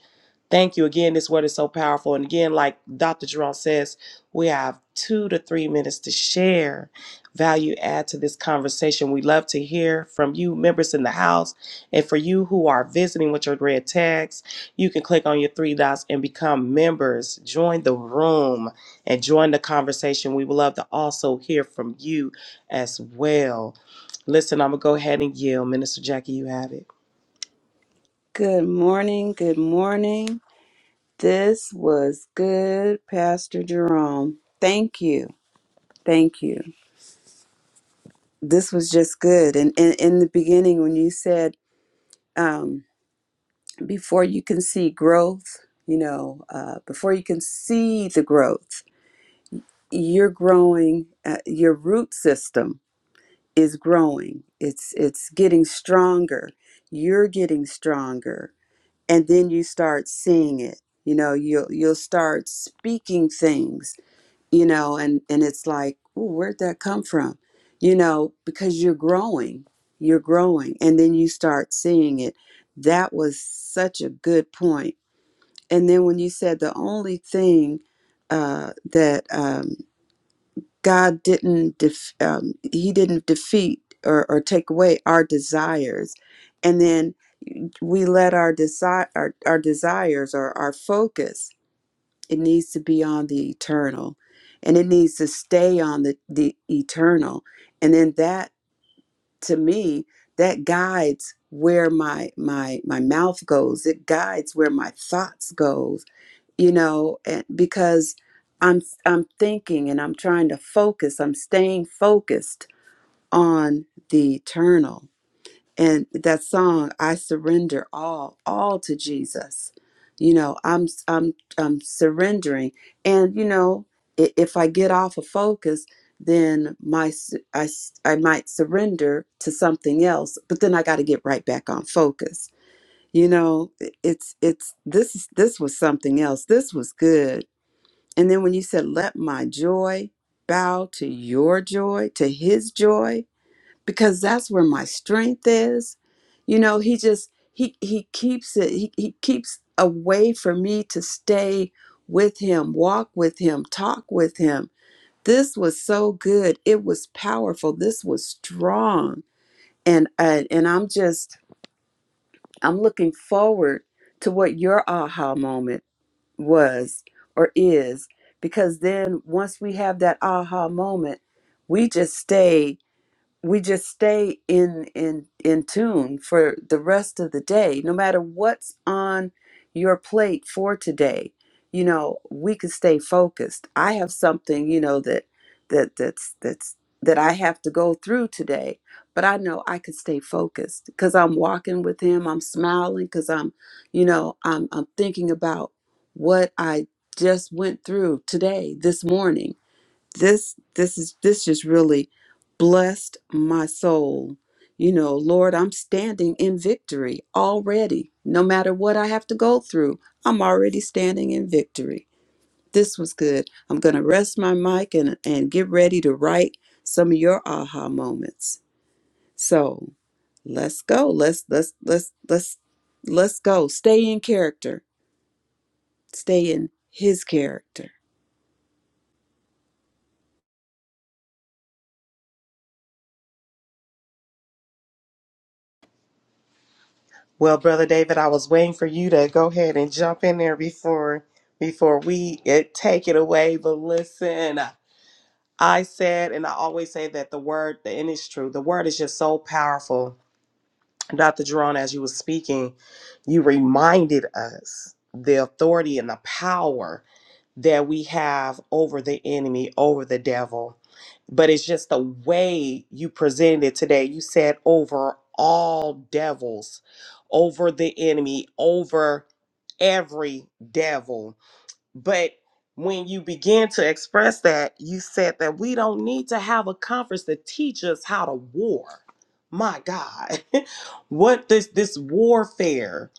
A: Thank you again. This word is so powerful. And again, like Dr. Jerome says, we have two to three minutes to share value add to this conversation. We love to hear from you, members in the house. And for you who are visiting with your red tags, you can click on your three dots and become members. Join the room and join the conversation. We would love to also hear from you as well. Listen, I'm going to go ahead and yield. Minister Jackie, you have it.
B: Good morning. Good morning. This was good, Pastor Jerome. Thank you. Thank you. This was just good. And in, in the beginning, when you said, um, before you can see growth, you know, uh, before you can see the growth, you're growing uh, your root system is growing it's it's getting stronger you're getting stronger and then you start seeing it you know you'll you'll start speaking things you know and and it's like Ooh, where'd that come from you know because you're growing you're growing and then you start seeing it that was such a good point point. and then when you said the only thing uh, that um, God didn't def- um, he didn't defeat or, or take away our desires, and then we let our desire our, our desires or our focus it needs to be on the eternal, and it needs to stay on the the eternal, and then that to me that guides where my my my mouth goes it guides where my thoughts goes you know and because i'm i'm thinking and i'm trying to focus i'm staying focused on the eternal and that song i surrender all all to jesus you know i'm i'm i'm surrendering and you know i- if i get off of focus then my s- I, s- I might surrender to something else but then i got to get right back on focus you know i- it's it's this is this was something else this was good and then when you said, let my joy bow to your joy, to his joy, because that's where my strength is. You know, he just, he, he keeps it, he, he keeps a way for me to stay with him, walk with him, talk with him. This was so good. It was powerful. This was strong. And, uh, and I'm just, I'm looking forward to what your aha moment was or is because then once we have that aha moment we just stay we just stay in in in tune for the rest of the day no matter what's on your plate for today you know we can stay focused i have something you know that that that's that's that i have to go through today but i know i can stay focused because i'm walking with him i'm smiling because i'm you know i'm i'm thinking about what i just went through today this morning this this is this just really blessed my soul you know lord i'm standing in victory already no matter what i have to go through i'm already standing in victory this was good i'm going to rest my mic and and get ready to write some of your aha moments so let's go let's let's let's let's let's go stay in character stay in his character
A: Well, brother David, I was waiting for you to go ahead and jump in there before before we it, take it away. But listen, I said, and I always say that the word, and it's true, the word is just so powerful. Dr. Jerome, as you were speaking, you reminded us the authority and the power that we have over the enemy, over the devil. But it's just the way you presented it today. You said over all devils, over the enemy, over every devil but when you begin to express that, you said that we don't need to have a conference to teach us how to war. My God, (laughs) what this this warfare?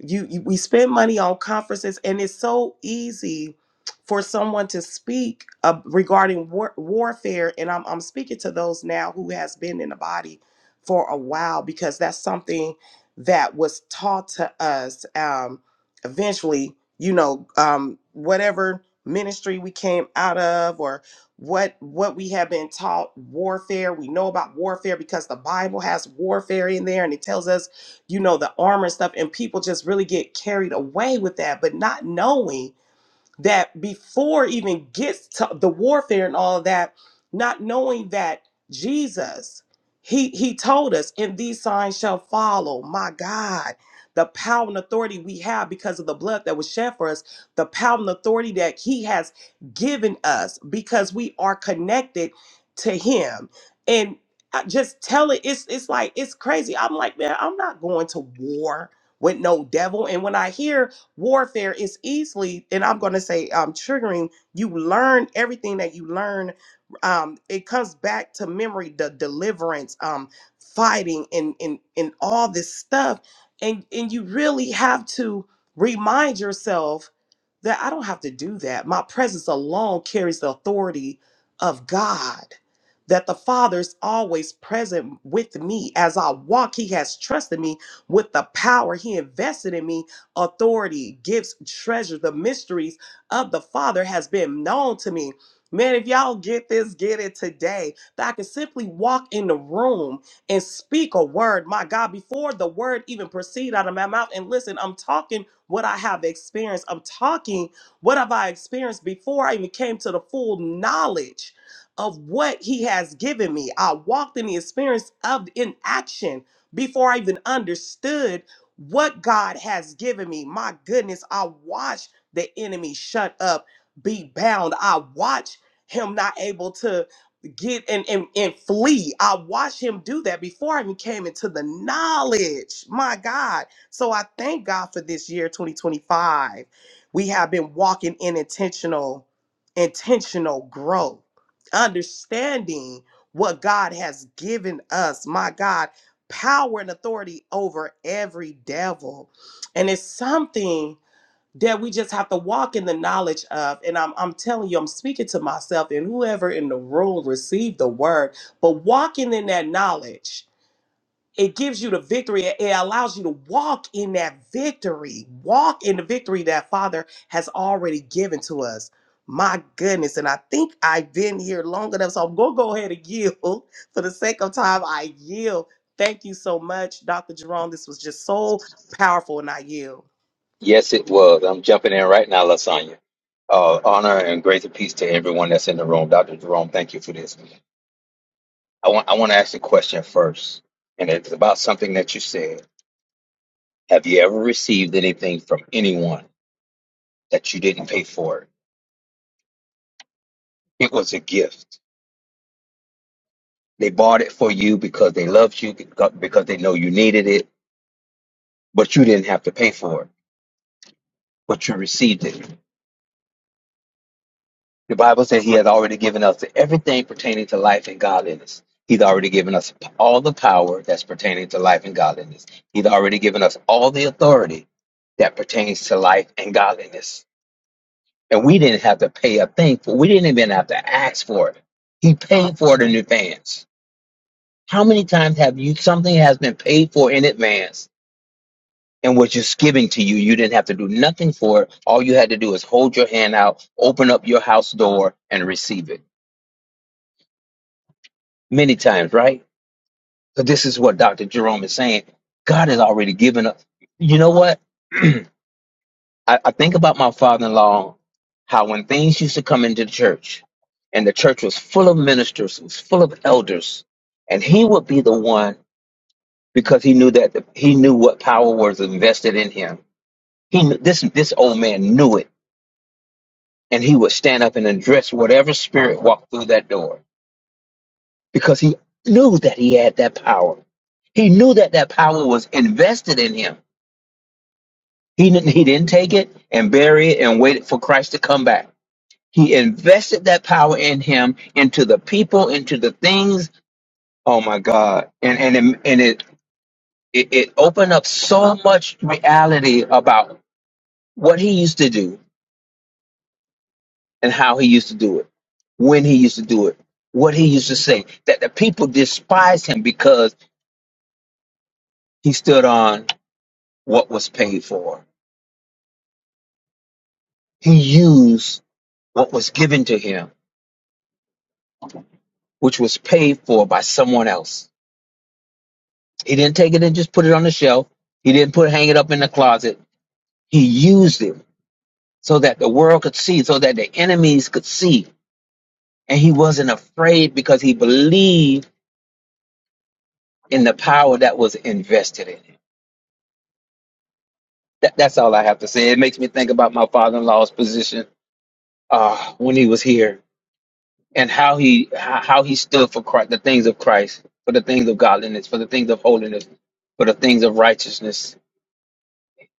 A: You, you we spend money on conferences, and it's so easy for someone to speak uh, regarding war, warfare. And I'm I'm speaking to those now who has been in the body for a while because that's something that was taught to us. Um, eventually, you know um whatever ministry we came out of or what what we have been taught warfare we know about warfare because the bible has warfare in there and it tells us you know the armor and stuff and people just really get carried away with that but not knowing that before even gets to the warfare and all of that, not knowing that Jesus, he he told us, and these signs shall follow. My God, the power and authority we have because of the blood that was shed for us, the power and authority that he has given us because we are connected to him. And I just tell it, it's it's like it's crazy. I'm like, man, I'm not going to war with no devil. And when I hear warfare is easily, and I'm going to say um, triggering. You learn everything that you learn. Um, it comes back to memory, the deliverance, um, fighting, and and and all this stuff, and and you really have to remind yourself that I don't have to do that. My presence alone carries the authority of God that the Father is always present with me as I walk. He has trusted me with the power He invested in me authority, gifts, treasures, the mysteries of the Father has been known to me. Man, if y'all get this, get it today. That I can simply walk in the room and speak a word, my God, before the word even proceed out of my mouth. And listen, I'm talking what I have experienced. I'm talking what have I experienced before I even came to the full knowledge of what He has given me. I walked in the experience of in action before I even understood what God has given me. My goodness, I watch the enemy shut up, be bound. I watch him not able to get and, and, and flee. I watched him do that before I even came into the knowledge. My God. So I thank God for this year 2025. We have been walking in intentional, intentional growth, understanding what God has given us. My God power and authority over every devil. And it's something that we just have to walk in the knowledge of. And I'm, I'm telling you, I'm speaking to myself and whoever in the room received the word, but walking in that knowledge it gives you the victory. It it allows you to walk in that victory, walk in the victory that Father has already given to us. My goodness. And I think I've been here long enough. So I'm going to go ahead and yield (laughs) for the sake of time. I yield. Thank you so much, Dr. Jerome. This was just so powerful, and I yield.
D: Yes, it was. I'm jumping in right now, Lasagna. Uh, honor and grace and peace to everyone that's in the room. Dr. Jerome, thank you for this. I want I want to ask a question first, and it's about something that you said. Have you ever received anything from anyone that you didn't pay for? It It was a gift. They bought it for you because they loved you, because because they know you needed it, but you didn't have to pay for it, but you received it. The Bible says he has already given us everything pertaining to life and godliness. He's already given us all the power that's pertaining to life and godliness. He's already given us all the authority that pertains to life and godliness. And we didn't have to pay a thing for we didn't even have to ask for it. He paid for it in advance. How many times have you something has been paid for in advance and was just giving to you? You didn't have to do nothing for it. All you had to do is hold your hand out, open up your house door, and receive it. many times, right? So this is what Dr. Jerome is saying. God has already given us. You know what? (clears throat) I, I think about my father-in-law, how when things used to come into the church, and the church was full of ministers, was full of elders, and he would be the one because he knew that he knew what power was invested in him. He knew, this this old man knew it, and he would stand up and address whatever spirit walked through that door. because he knew that he had that power. He knew that that power was invested in him. He didn't, he didn't take it and bury it and waited for Christ to come back. He invested that power in him, into the people, into the things. Oh my God. And, and, it- and it, it, it opened up so much reality about what he used to do and how he used to do it, when he used to do it, what he used to say, that the people despised him because he stood on what was paid for He used what was given to him, which was paid for by someone else. He didn't take it and just put it on the shelf. He didn't put hang it up in the closet. He used it so that the world could see, so that the enemies could see. And he wasn't afraid because he believed in the power that was invested in him. That, that's all I have to say. It makes me think about my father-in-law's position uh, when he was here. and how he how he stood for Christ, the things of Christ, for the things of godliness, for the things of holiness, for the things of righteousness.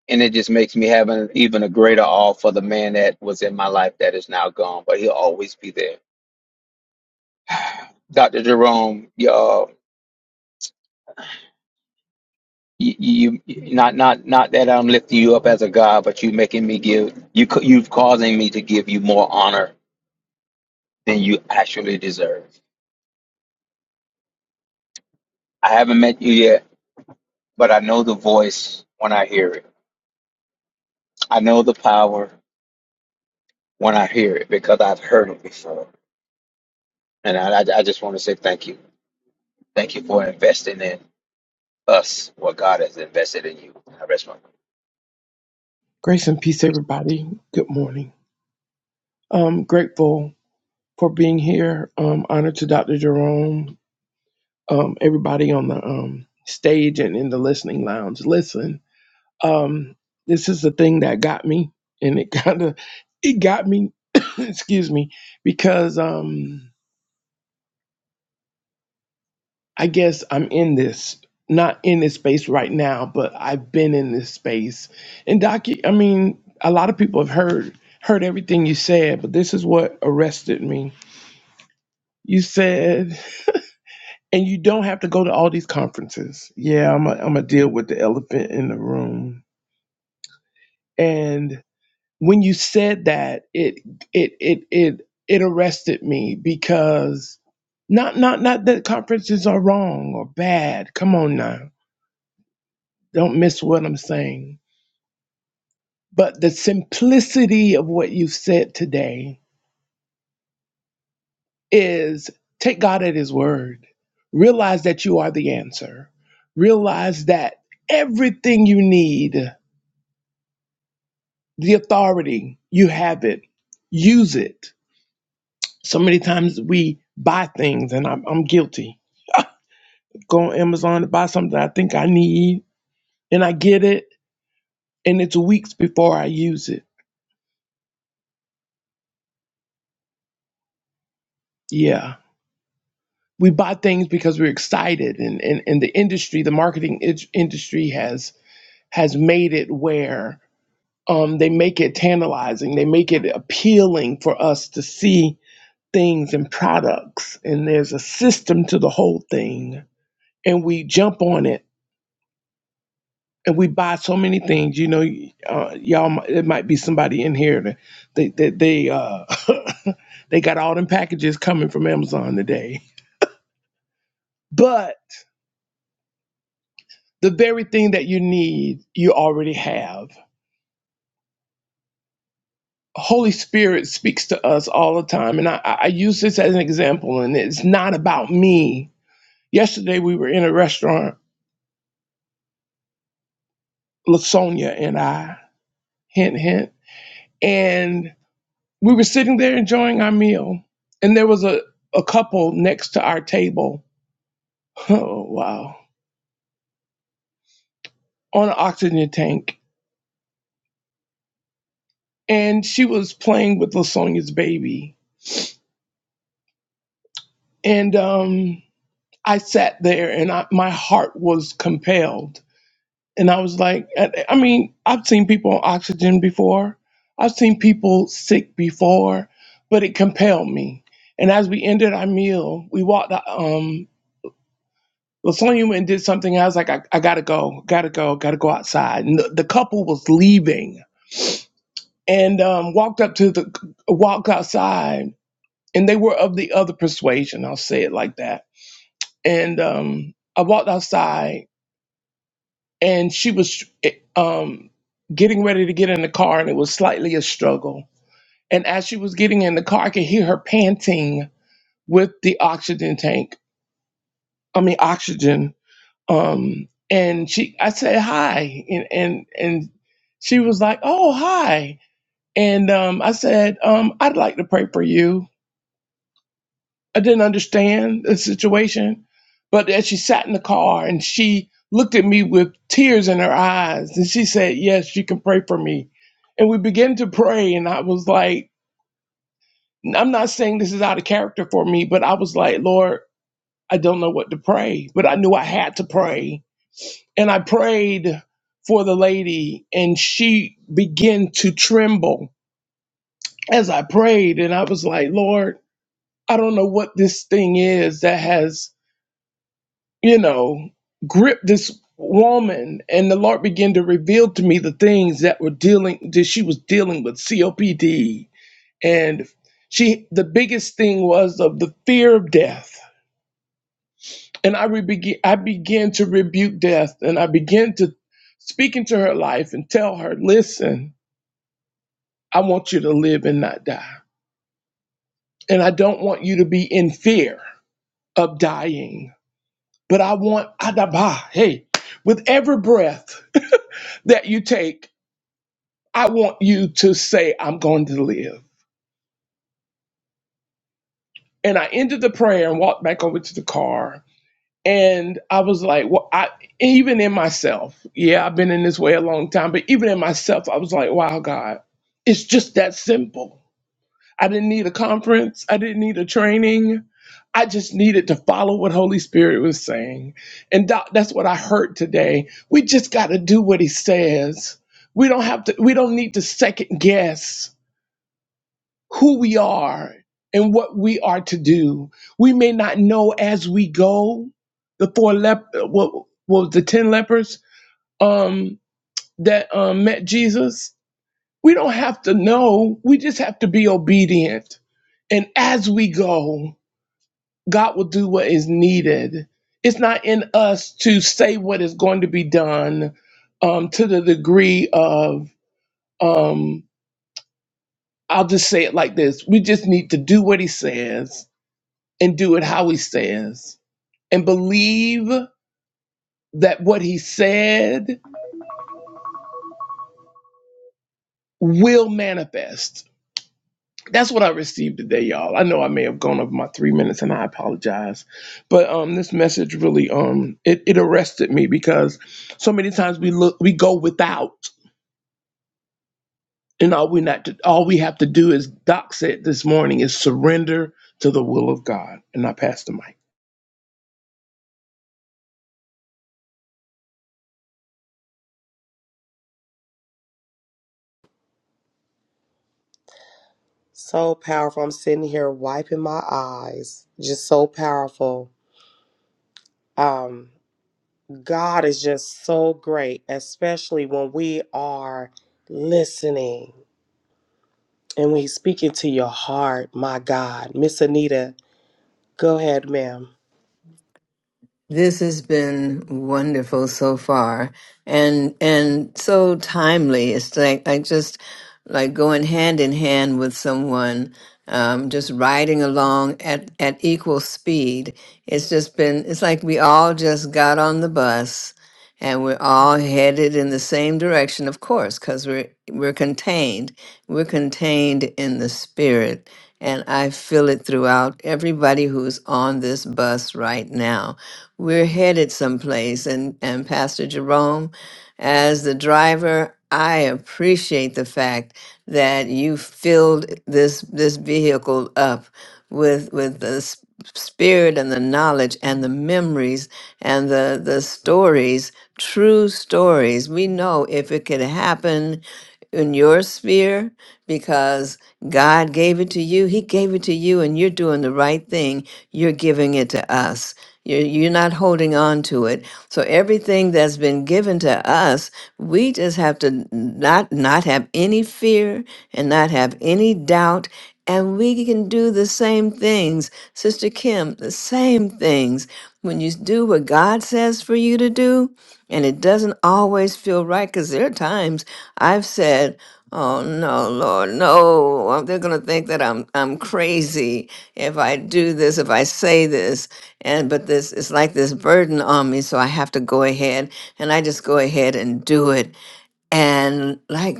D: And it just makes me have an even a greater awe for the man that was in my life that is now gone, but he'll always be there. Dr. Jerome, you, uh, you, you not not not that I'm lifting you up as a god, but you making me give you ca- you've causing me to give you more honor than you actually deserve. I haven't met you yet, but I know the voice when I hear it. I know the power when I hear it because I've heard it before. And I, I, I just want to say thank you. Thank you for investing in us, what God has invested in you. I rest my
E: Grace and peace, everybody. Good morning. I'm grateful for being here. Um, honored to Dr. Jerome, um, everybody on the um, stage and in the listening lounge. Listen, um, this is the thing that got me, and it (laughs) kind of it got me. (coughs) excuse me, because um, I guess I'm in this, not in this space right now, but I've been in this space. And Doc, I mean, a lot of people have heard heard everything you said, but this is what arrested me You said, and you don't have to go to all these conferences. Yeah, I'm going to deal with the elephant in the room. And when you said that, it, it, it, it, it arrested me because not, not, not that conferences are wrong or bad. Come on now. Don't miss what I'm saying. But the simplicity of what you said today is take God at His word. Realize that you are the answer. Realize that everything you need, the authority, you have it. Use it. So many times we buy things, and I'm, I'm guilty. Go on Amazon to buy something I think I need, and I get it, and it's weeks before I use it. Yeah. We buy things because we're excited, and, and, and the industry, the marketing ind- industry has has made it where um, they make it tantalizing. They make it appealing for us to see things and products. And there's a system to the whole thing, and we jump on it and we buy so many things. You know, uh, y'all, mi- it might be somebody in here that they that they uh, (laughs) they got all them packages coming from Amazon today. But the very thing that you need, you already have. Holy Spirit speaks to us all the time. And I, I I use this as an example, and it's not about me Yesterday we were in a restaurant, Lasonia and I, hint hint, and we were sitting there enjoying our meal, and there was a a couple next to our table. (laughs) Oh wow, on an oxygen tank, and she was playing with Lasonia's baby, and um, I sat there and I, my heart was compelled And I was like, I I mean, I've seen people on oxygen before, I've seen people sick before, but it compelled me. And as we ended our meal, we walked. out, Um, Lasonia went and did something. I was like, I, I gotta go, gotta go, gotta go outside. And the, the couple was leaving, and um, walked up to the walked outside, and they were of the other persuasion. I'll say it like that. And um, I walked outside and she was um, getting ready to get in the car, and it was slightly a struggle. And as she was getting in the car, I could hear her panting with the oxygen tank. I mean, oxygen. Um, and she, I said hi, and and and she was like, "Oh, hi." And um, I said, um, "I'd like to pray for you." I didn't understand the situation. But as she sat in the car and she looked at me with tears in her eyes and she said, Yes, you can pray for me. And we began to pray. And I was like, I'm not saying this is out of character for me, but I was like, Lord, I don't know what to pray, but I knew I had to pray. And I prayed for the lady and she began to tremble as I prayed. And I was like, Lord, I don't know what this thing is that has you know, grip this woman. And the Lord began to reveal to me the things that were dealing that she was dealing with COPD. And she the biggest thing was of the fear of death. And I re- began I began to rebuke death and I began to speak into her life and tell her, listen, I want you to live and not die. And I don't want you to be in fear of dying. But I want Adabah, hey, with every breath that you take. I want you to say, I'm going to live. And I ended the prayer and walked back over to the car. And I was like, well, I even in myself, yeah, I've been in this way a long time, but even in myself, I was like, wow, God, it's just that simple. I didn't need a conference, I didn't need a training. I just needed to follow what Holy Spirit was saying. And doc, that's what I heard today. We just got to do what he says. We don't have to we don't need to second guess who we are and what we are to do. We may not know as we go. The four lep, what was the ten lepers um, that um, met Jesus? We don't have to know. We just have to be obedient. And as we go, God will do what is needed. It's not in us to say what is going to be done um, to the degree of, um, I'll just say it like this we just need to do what He says and do it how he says and believe that what he said will manifest. That's what I received today, y'all. I know I may have gone over my three minutes and I apologize. But um this message really um it, it arrested me because so many times we look we go without and all we not to, all we have to do is Doc said this morning is surrender to the will of God. And I passed the mic.
A: So powerful. I'm sitting here wiping my eyes. Just so powerful. Um. God is just so great, especially when we are listening and when He's speaking to your heart. My God, Miss Anita, go ahead, ma'am.
F: This has been wonderful so far, and and so timely. It's like I just like going hand in hand with someone, um, just riding along at at equal speed. It's just been. It's like we all just got on the bus and we're all headed in the same direction of course because we're we're contained we're contained in the spirit and i feel it throughout everybody who's on this bus right now we're headed someplace and and pastor jerome as the driver i appreciate the fact that you filled this this vehicle up with with the spirit and the knowledge and the memories and the the stories true stories we know if it could happen in your sphere because God gave it to you he gave it to you and you're doing the right thing you're giving it to us you're, you're not holding on to it so everything that's been given to us we just have to not not have any fear and not have any doubt and we can do the same things, Sister Kim, the same things. When you do what God says for you to do, and it doesn't always feel right, because there are times I've said, Oh no, Lord, no. Um, They're gonna think that I'm I'm crazy if I do this, if I say this. And but this it's like this burden on me, so I have to go ahead and I just go ahead and do it and like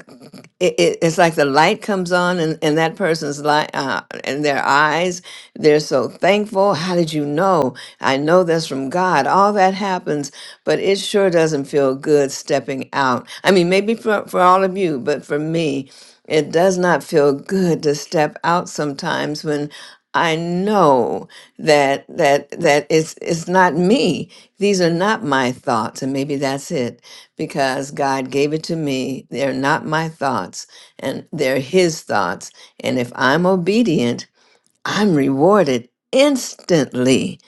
F: it, it, it's like the light comes on in, in that person's light uh, in their eyes they're so thankful how did you know i know that's from god all that happens but it sure doesn't feel good stepping out i mean maybe for, for all of you but for me it does not feel good to step out sometimes when I know that that that it's it's not me. These are not my thoughts, and maybe that's it because God gave it to me. They're not my thoughts, and they're His thoughts. And if I'm obedient, I'm rewarded instantly.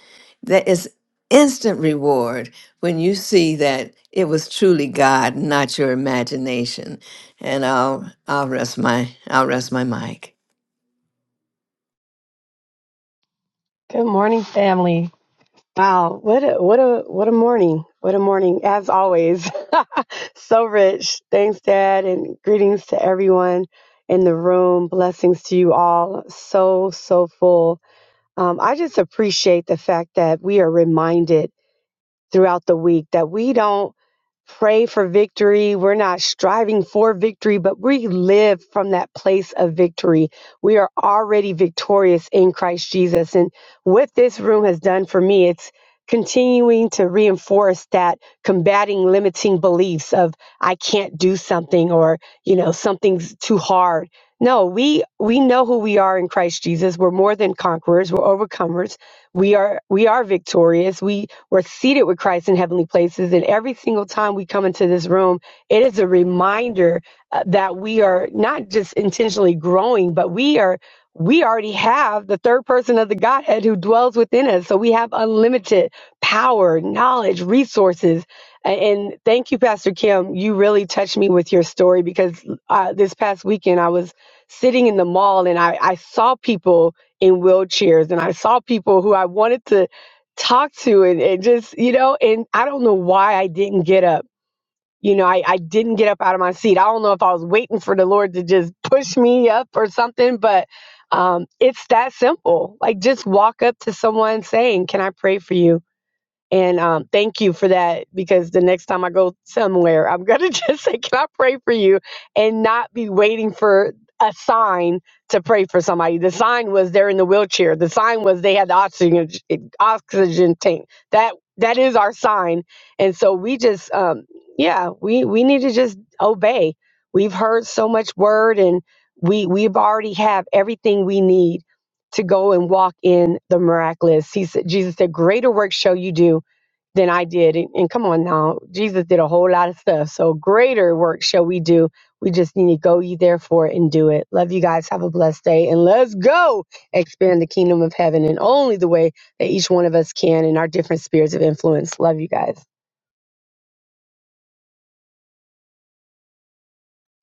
F: That is instant reward when you see that it was truly God, not your imagination. And I'll I'll rest my I'll rest my mic.
G: Good morning, family. Wow, what a what a what a morning. What a morning as always. (laughs) so rich. Thanks dad and greetings to everyone in the room. Blessings to you all. So so full. Um, I just appreciate the fact that we are reminded throughout the week that we don't pray for victory. We're not striving for victory, but we live from that place of victory. We are already victorious in Christ Jesus. And what this room has done for me, it's continuing to reinforce that combating limiting beliefs of I can't do something or, you know, something's too hard. No, we we know who we are in Christ Jesus. We're more than conquerors, we're overcomers we are we are victorious we were seated with christ in heavenly places and every single time we come into this room it is a reminder uh, that we are not just intentionally growing but we are we already have the third person of the godhead who dwells within us so we have unlimited power knowledge resources A- and thank you pastor kim you really touched me with your story because uh, this past weekend i was sitting in the mall and i, I saw people in wheelchairs and I saw people who I wanted to talk to and, and just, you know, and I don't know why I didn't get up. You know, I, I didn't get up out of my seat. I don't know if I was waiting for the Lord to just push me up or something, but um, it's that simple. Like just walk up to someone saying, Can I pray for you? And um, thank you for that because the next time I go somewhere, I'm going to (laughs) just say, Can I pray for you? And not be waiting for a sign to pray for somebody. The sign was they're in the wheelchair, the sign was they had the oxygen, oxygen tank. That That is our sign. And so we just, um, yeah, we, we need to just obey. We've heard so much word and we, we've already have everything we need to go and walk in the miraculous. He said, Jesus said, greater work shall you do than I did. And, and come on now, Jesus did a whole lot of stuff. So greater work shall we do. We just need to go ye therefore and do it. Love you guys. Have a blessed day. And let's go expand the kingdom of heaven in only the way that each one of us can in our different spheres of influence. Love you guys.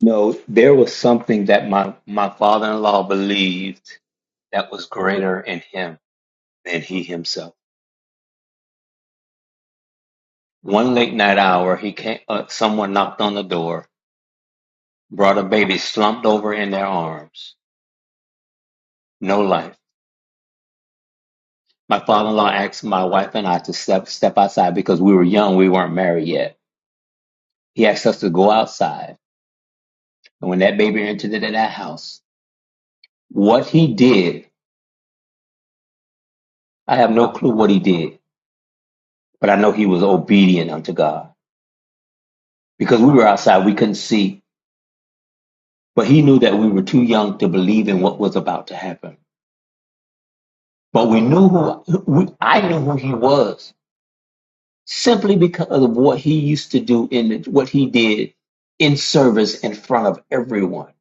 D: No, there was something that my, my father in law believed that was greater in him than he himself. One late night hour, he came, uh, someone knocked on the door, brought a baby slumped over in their arms. No life. My father in law asked my wife and I to step, step outside because we were young, we weren't married yet. He asked us to go outside And when that baby entered into that house, what he did, I have no clue what he did, but I know he was obedient unto God because we were outside, we couldn't see, but he knew that we were too young to believe in what was about to happen. But we knew who we, I knew who he was simply because of what he used to do in the, what he did in service in front of everyone.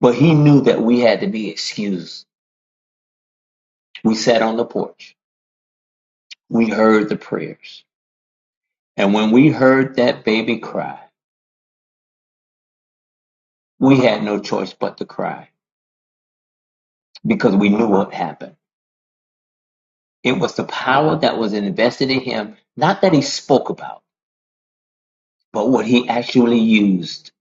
D: But he knew that we had to be excused. We sat on the porch. We heard the prayers. And when we heard that baby cry, We had no choice but to cry because we knew what happened. It was the power that was invested in him, not that he spoke about, but what he actually used.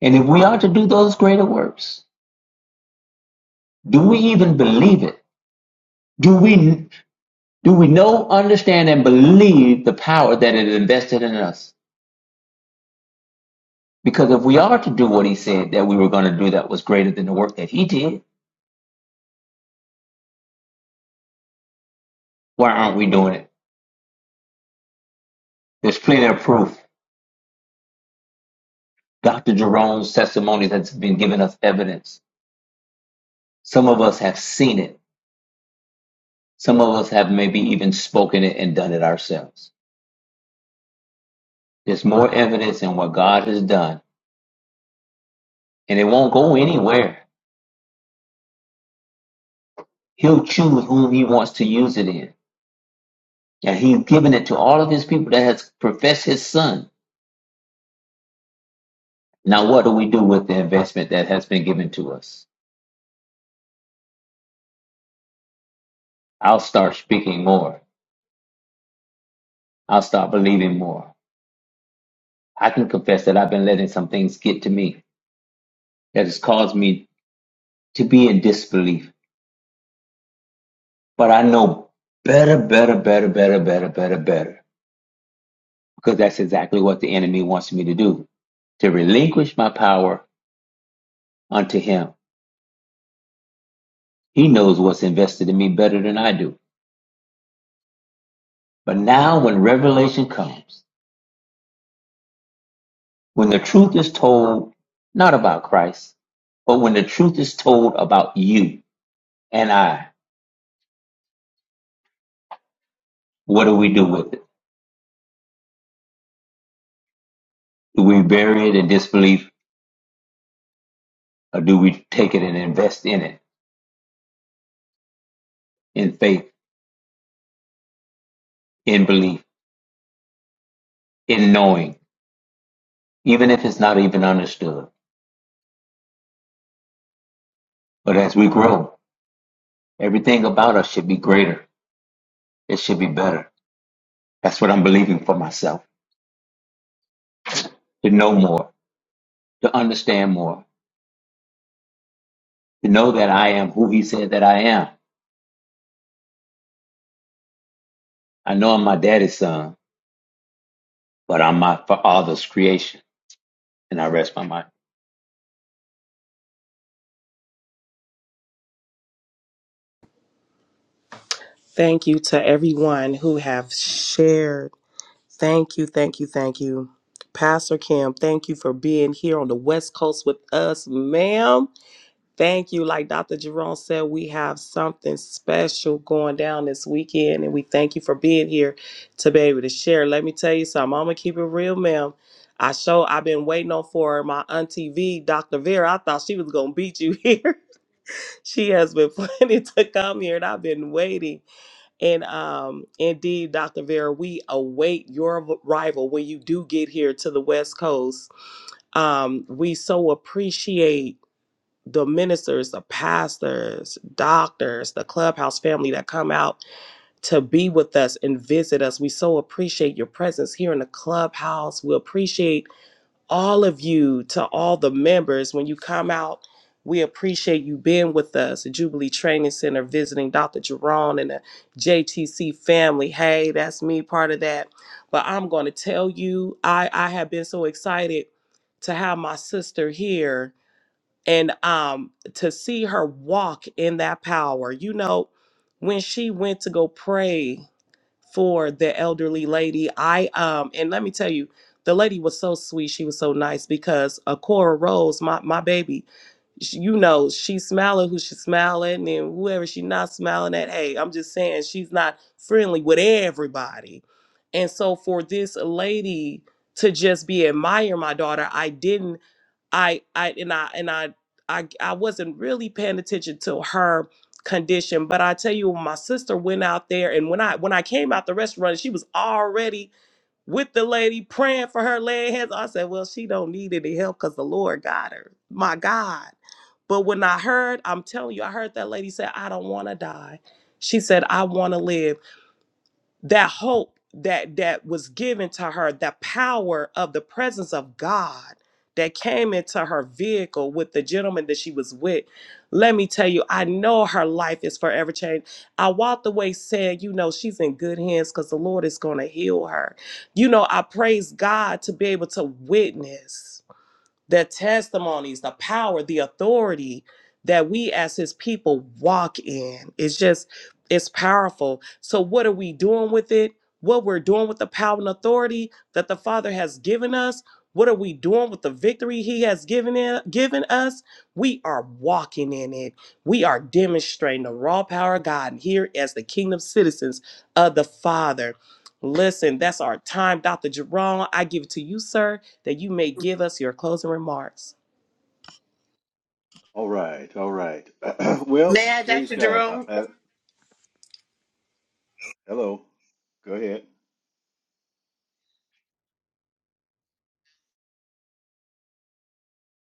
D: And if we are to do those greater works, do we even believe it? Do we do we know, understand, and believe the power that it invested in us? Because if we are to do what he said that we were going to do that was greater than the work that he did, why aren't we doing it? There's plenty of proof. Dr. Jerome's testimony has been giving us evidence Some of us have seen it. Some of us have maybe even spoken it and done it ourselves. There's more evidence in what God has done, and it won't go anywhere. He'll choose whom he wants to use it in. And he's given it to all of his people that has professed his son. Now, what do we do with the investment that has been given to us? I'll start speaking more. I'll start believing more. I can confess that I've been letting some things get to me that has caused me to be in disbelief But I know better, better, better, better, better, better, better. Because that's exactly what the enemy wants me to do to relinquish my power unto him. He knows what's invested in me better than I do. But now, when revelation comes, when the truth is told, not about Christ, but when the truth is told about you and I, what do we do with it? Do we bury it in disbelief or do we take it and invest in it in faith, in belief, in knowing? even if it's not even understood. But as we grow, everything about us should be greater. It should be better. That's what I'm believing for myself to know more, to understand more, to know that I am who He said that I am. I know I'm my daddy's son, but I'm my father's creation. And I rest my mind.
A: Thank you to everyone who have shared. Thank you, thank you, thank you. Pastor Kim, thank you for being here on the West Coast with us, ma'am. Thank you. Like Dr. Jerome said, we have something special going down this weekend, and we thank you for being here to be able to share. Let me tell you something. I'm gonna keep it real, ma'am. I show I've been waiting on for my auntie V, Dr. Vera. I thought she was gonna beat you here. (laughs) she has been (laughs) planning to come here, and I've been waiting. And um, indeed, Dr. Vera, we await your arrival when you do get here to the West Coast. Um, we so appreciate the ministers, the pastors, doctors, the clubhouse family that come out to be with us and visit us. We so appreciate your presence here in the clubhouse. We appreciate all of you to all the members when you come out. We appreciate you being with us at Jubilee Training Center, visiting Dr. Jerome and the JTC family. Hey, that's me, part of that. But I'm going to tell you, I, I have been so excited to have my sister here and um to see her walk in that power you know when she went to go pray for the elderly lady i um and let me tell you the lady was so sweet she was so nice because uh, Cora rose my, my baby sh you know she's smiling who she's smiling and whoever she not smiling at hey i'm just saying she's not friendly with everybody and so for this lady to just be admire my daughter i didn't I I and I and I I I wasn't really paying attention to her condition. But I tell you, when my sister went out there, and when I when I came out the restaurant, she was already with the lady praying for her, laying hands. I said, "Well, she don't need any help because the Lord got her." My God. But when I heard, I'm telling you, I heard that lady say, "I don't want to die." She said, "I want to live." that hope that that was given to her the power of the presence of god that came into her vehicle with the gentleman that she was with let me tell you i know her life is forever changed i walked away saying you know she's in good hands because the lord is going to heal her you know i praise god to be able to witness the testimonies, the power, the authority that we as his people walk in. It's just, it's powerful. So, what are we doing with it? What we're doing with the power and authority that the Father has given us? What are we doing with the victory He has given in, given us? We are walking in it. We are demonstrating the raw power of God here as the kingdom citizens of the Father. Listen, that's our time, Dr. Jerome. I give it to you, sir that you may give us your closing remarks.
H: May I, Dr. Jerome?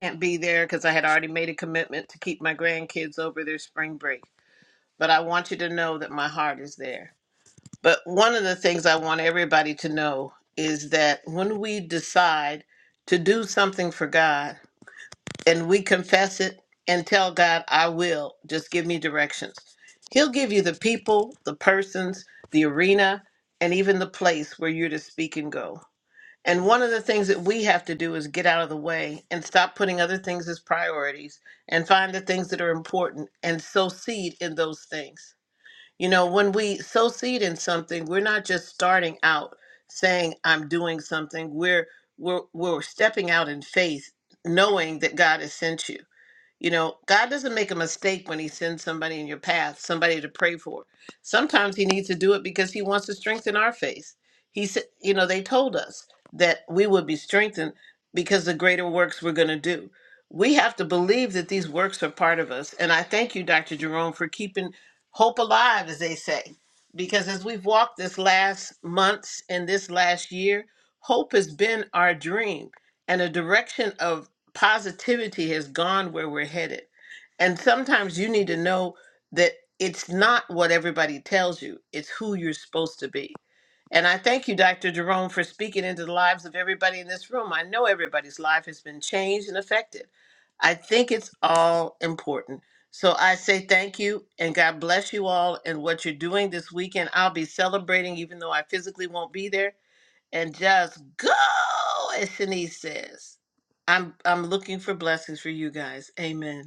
H: Can't be there because I had already made a commitment to keep my grandkids over their spring break. But I want you to know that my heart is there. But one of the things I want everybody to know is that when we decide to do something for God and we confess it and tell God, I will, just give me directions, He'll give you the people, the persons, the arena, and even the place where you're to speak and go. And one of the things that we have to do is get out of the way and stop putting other things as priorities and find the things that are important and sow seed in those things. You know, when we sow seed in something, we're not just starting out saying I'm doing something. We're we're we're stepping out in faith knowing that God has sent you. You know, God doesn't make a mistake when He sends somebody in your path, somebody to pray for. Sometimes He needs to do it because He wants to strengthen our faith. He said, you know, they told us that we would be strengthened because the greater works we're going to do. We have to believe that these works are part of us. And I thank you, Dr. Jerome, for keeping hope alive, as they say. Because as we've walked this last months and this last year, hope has been our dream and a direction of positivity has gone where we're headed. And sometimes you need to know that it's not what everybody tells you, it's who you're supposed to be. And I thank you, Dr. Jerome, for speaking into the lives of everybody in this room. I know everybody's life has been changed and affected. I think it's all important. So I say thank you and God bless you all and what you're doing this weekend. I'll be celebrating, even though I physically won't be there and just go, as Shanice says. I'm I'm looking for blessings for you guys. Amen.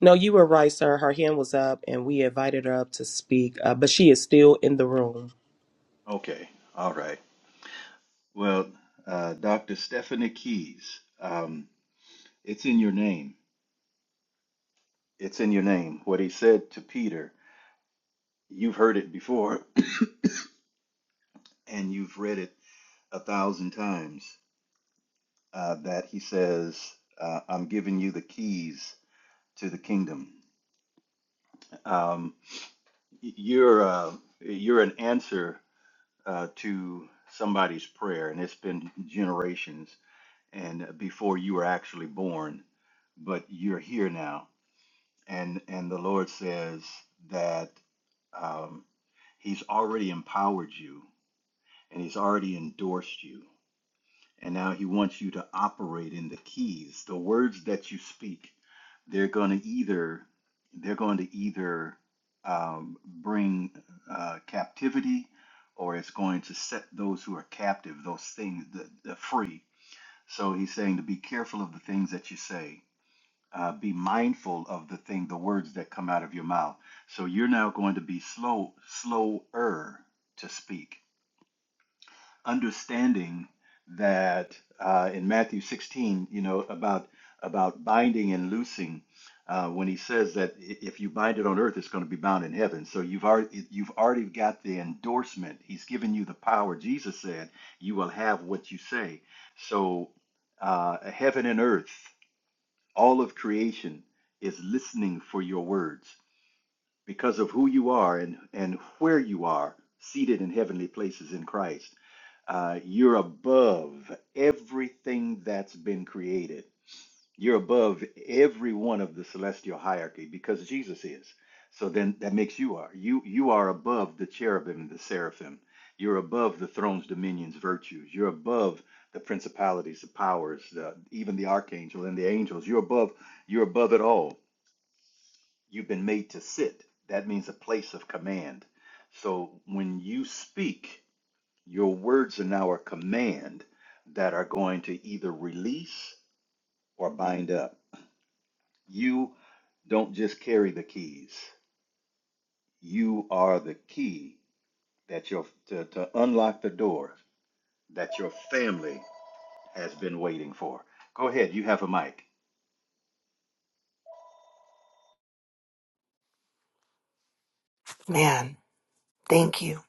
A: No, you were right, sir. Her hand was up, and we invited her up to speak, uh, but she is still in the room.
I: Man, thank you.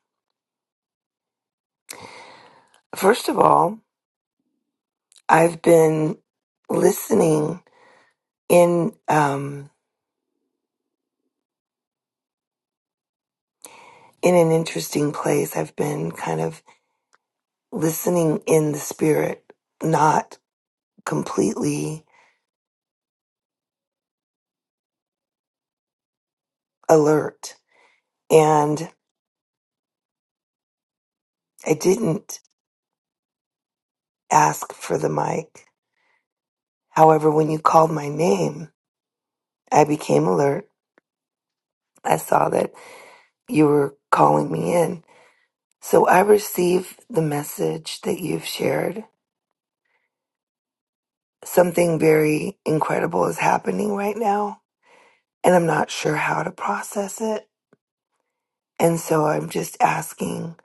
I: First of all, I've been listening in um in an interesting place. I've been kind of listening in the spirit, not completely alert. And I didn't ask for the mic. However, when you called my name, I became alert. I saw that you were calling me in. So I received the message that you've shared something very incredible is happening right now, and I'm not sure how to process it. And so I'm just asking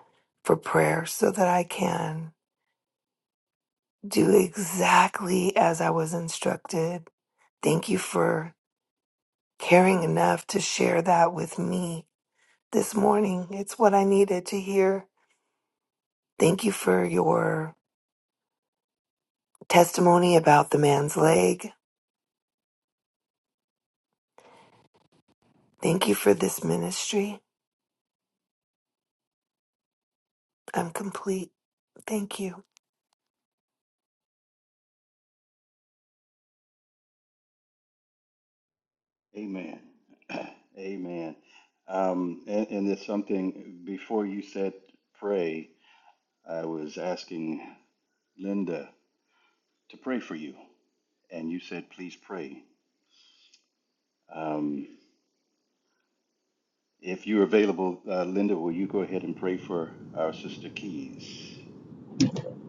I: for prayer so that I can do exactly as I was instructed. Thank you for caring enough to share that with me this morning. It's what I needed to hear. Thank you for your testimony about the man's leg. Thank you for this ministry. I'm complete. Thank you.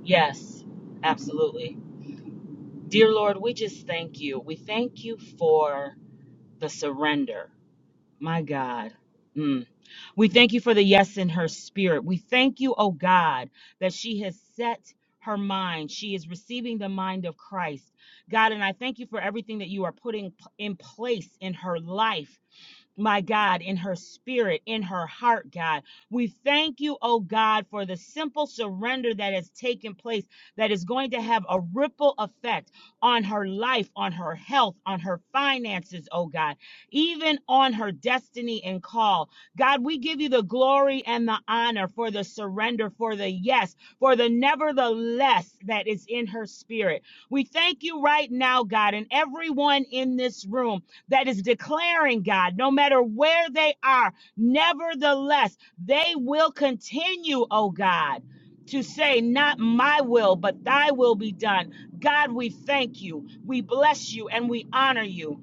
J: Yes, absolutely. Dear Lord, we just thank you. We thank you for the surrender. My God. Mm. We thank you for the yes in her spirit. We thank you, oh God, that she has set her mind. She is receiving the mind of Christ. God, and I thank you for everything that you are putting p- in place in her life my God, in her spirit, in her heart, God. We thank you, oh God, for the simple surrender that has taken place that is going to have a ripple effect on her life, on her health, on her finances, oh God, even on her destiny and call. God, we give you the glory and the honor for the surrender, for the yes, for the nevertheless that is in her spirit. We thank you right now, God, and everyone in this room that is declaring, God, no matter where they are, nevertheless, they will continue, oh God. To say, not my will, but thy will be done. God, we thank you. We bless you and we honor you.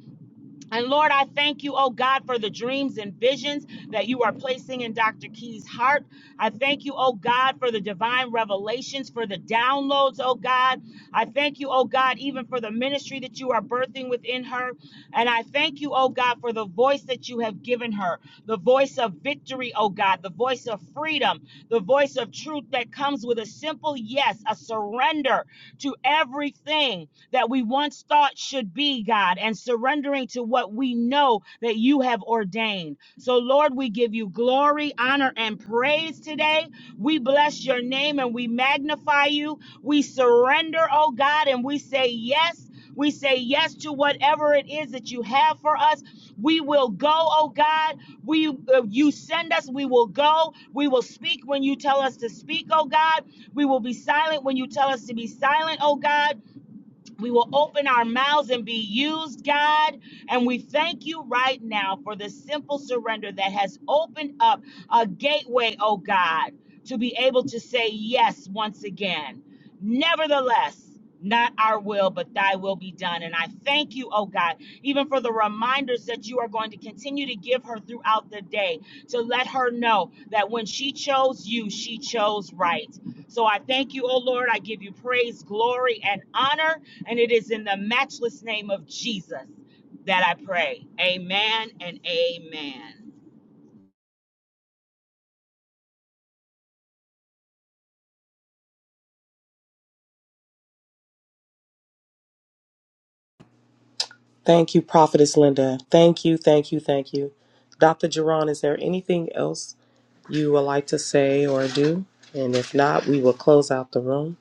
J: And Lord, I thank you, oh God, for the dreams and visions that you are placing in Dr. Key's heart. I thank you, oh God, for the divine revelations, for the downloads, oh God. I thank you, oh God, even for the ministry that you are birthing within her. And I thank you, oh God, for the voice that you have given her the voice of victory, oh God, the voice of freedom, the voice of truth that comes with a simple yes, a surrender to everything that we once thought should be, God, and surrendering to what we know that you have ordained. So, Lord, we give you glory, honor, and praise today. We bless your name and we magnify you. We surrender, oh God, and we say yes. We say yes to whatever it is that you have for us. We will go, oh God. We uh, you send us, we will go. We will speak when you tell us to speak, oh God. We will be silent when you tell us to be silent, oh God. We will open our mouths and be used, God. And we thank you right now for the simple surrender that has opened up a gateway, oh God, to be able to say yes once again. Nevertheless, not our will, but thy will be done. And I thank you, oh God, even for the reminders that you are going to continue to give her throughout the day to let her know that when she chose you, she chose right. So I thank you, oh Lord. I give you praise, glory, and honor. And it is in the matchless name of Jesus that I pray. Amen and amen.
A: Thank you, Prophetess Linda. Thank you, thank you, thank you. Dr. Jerron, is there anything else you would like to say or do? And if not, we will close out the room.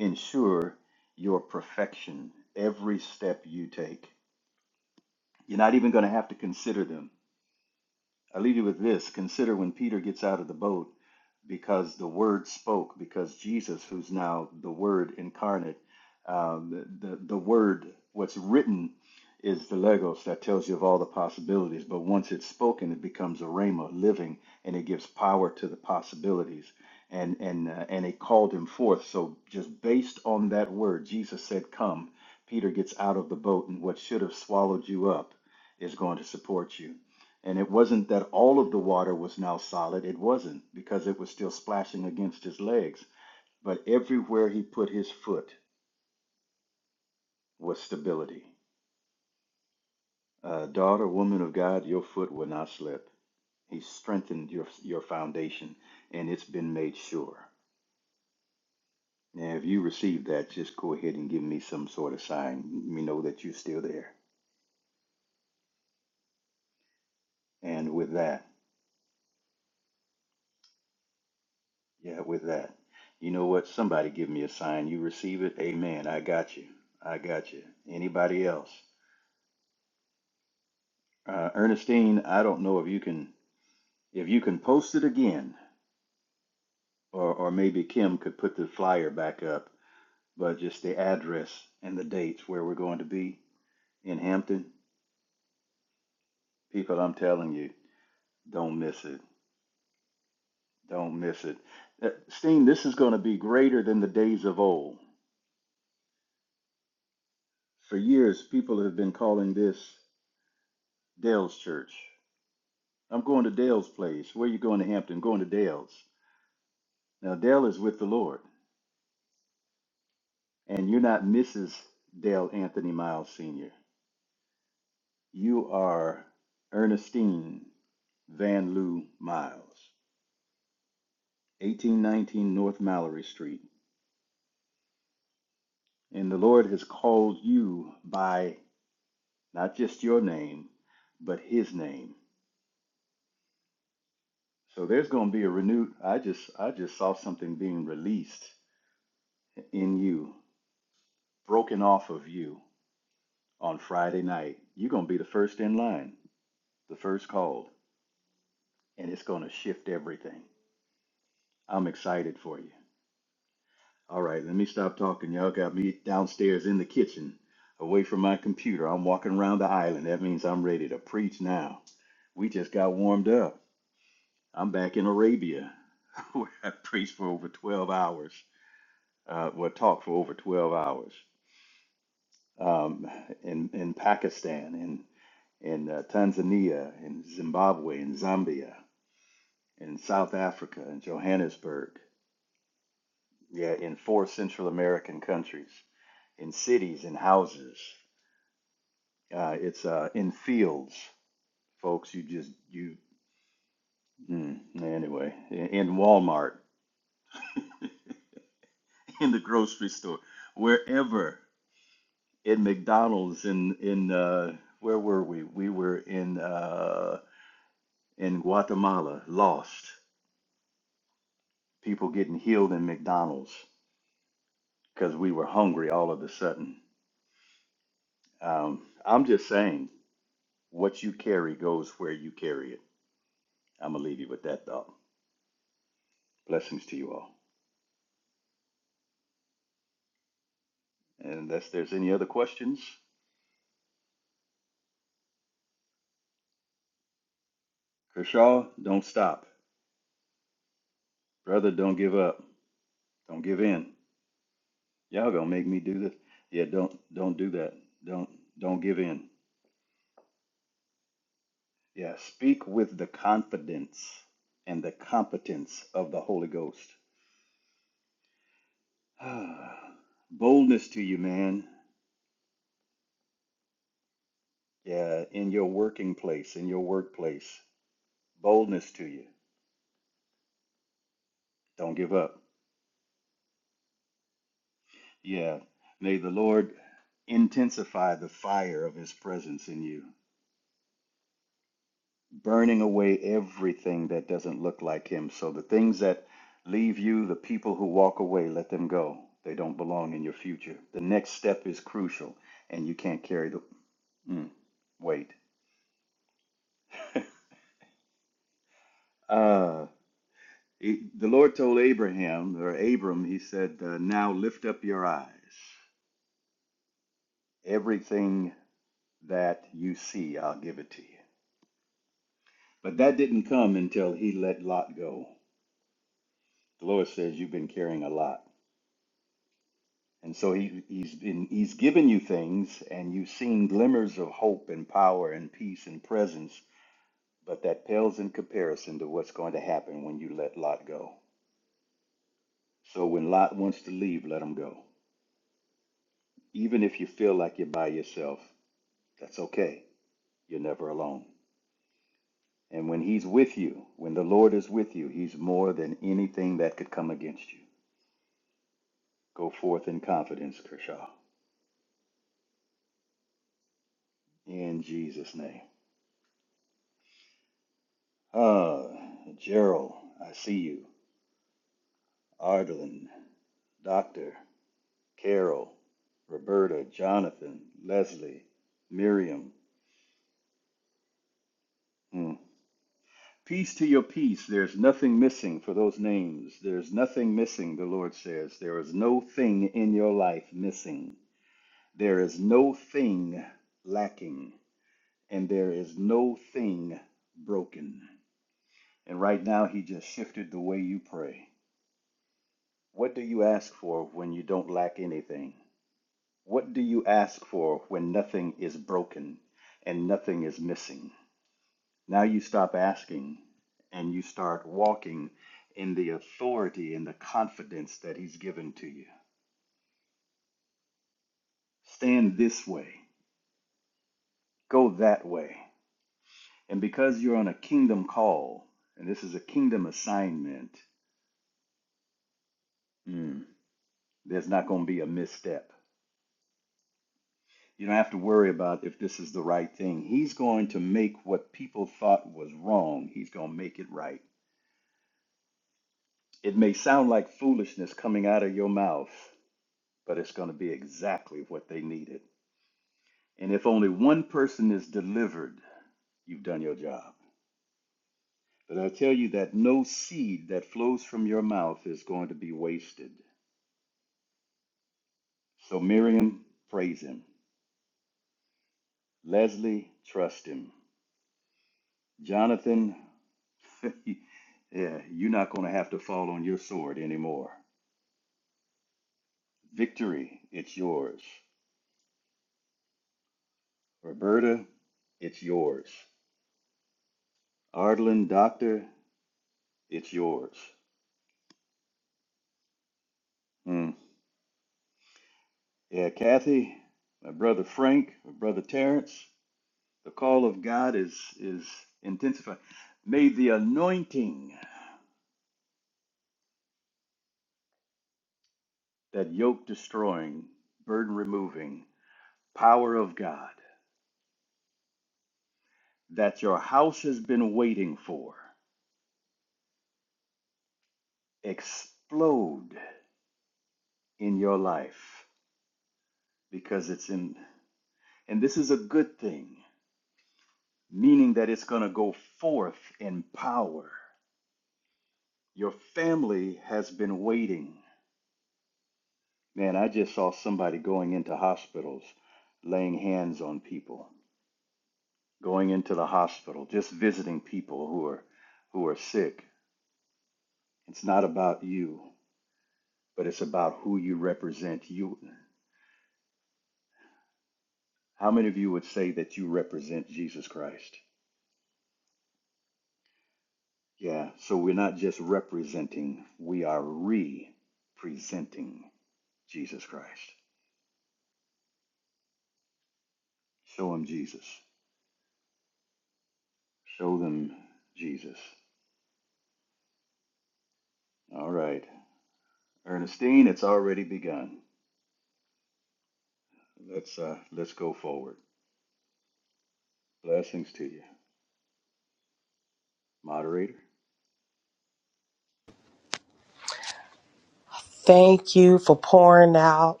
A: Thank you for pouring out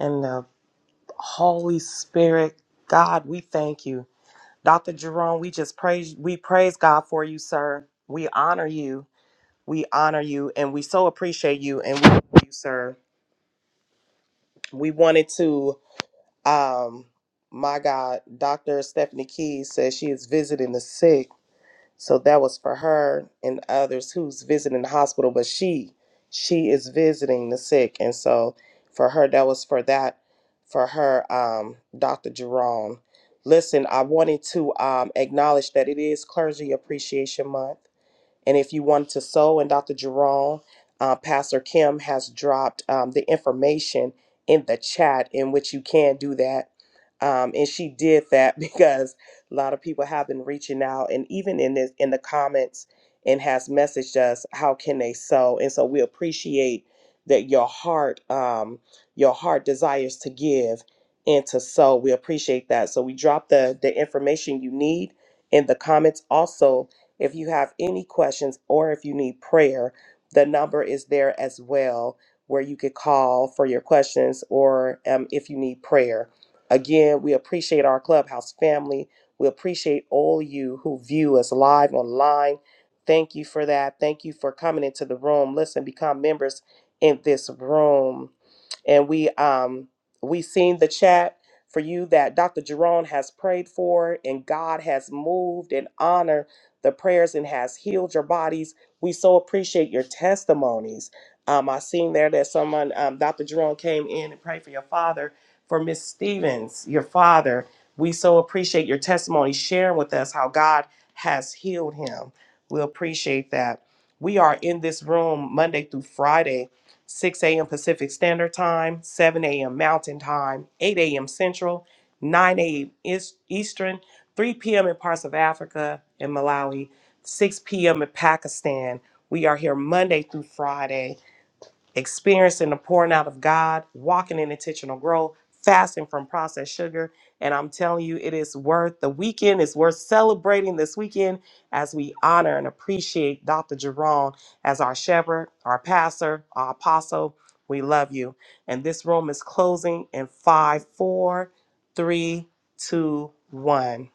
A: and the Holy Spirit. God, we thank you. Dr. Jerome, we just praise we praise God for you, sir. We honor you We honor you and we so appreciate you and we love you, sir. We wanted to, um, my God, Dr. Stephanie Keys says she is visiting the sick. So that was for her and others who's visiting the hospital, but she she is visiting the sick. And so for her, that was for that, for her, um, Dr. Jerome. Listen, I wanted to um, acknowledge that it is Clergy Appreciation Month. And if you want to sow, and Dr. Jerome, uh, Pastor Kim has dropped um, the information in the chat in which you can do that. Um, and she did that (laughs) because a lot of people have been reaching out, and even in this, in the comments, and has messaged us how can they sow. And so we appreciate that your heart, um, your heart desires to give and to sow. We appreciate that. So we dropped the the information you need in the comments also if you have any questions or if you need prayer, the number is there as well where you could call for your questions or um, if you need prayer. Again, we appreciate our clubhouse family. We appreciate all you who view us live online. Thank you for that. Thank you for coming into the room. Listen, become members in this room and we um we seen the chat for you that Dr. Jerome has prayed for and God has moved and honored the prayers and has healed your bodies. We so appreciate your testimonies. Um, I seen there that someone, um, Dr. Jerome, came in and prayed for your father, for Miss Stevens, your father. We so appreciate your testimony sharing with us how God has healed him. We appreciate that. We are in this room Monday through Friday, 6 a.m. Pacific Standard Time, 7 a.m. Mountain Time, 8 a.m. Central, 9 a.m. East- Eastern, 3 p.m. in parts of Africa and Malawi, 6 p.m. in Pakistan. We are here Monday through Friday, experiencing the pouring out of God, walking in intentional growth, fasting from processed sugar. And I'm telling you, it is worth the weekend. It's worth celebrating this weekend as we honor and appreciate Dr. Jerome as our shepherd, our pastor, our apostle. We love you. And this room is closing in five, four, three, two, one.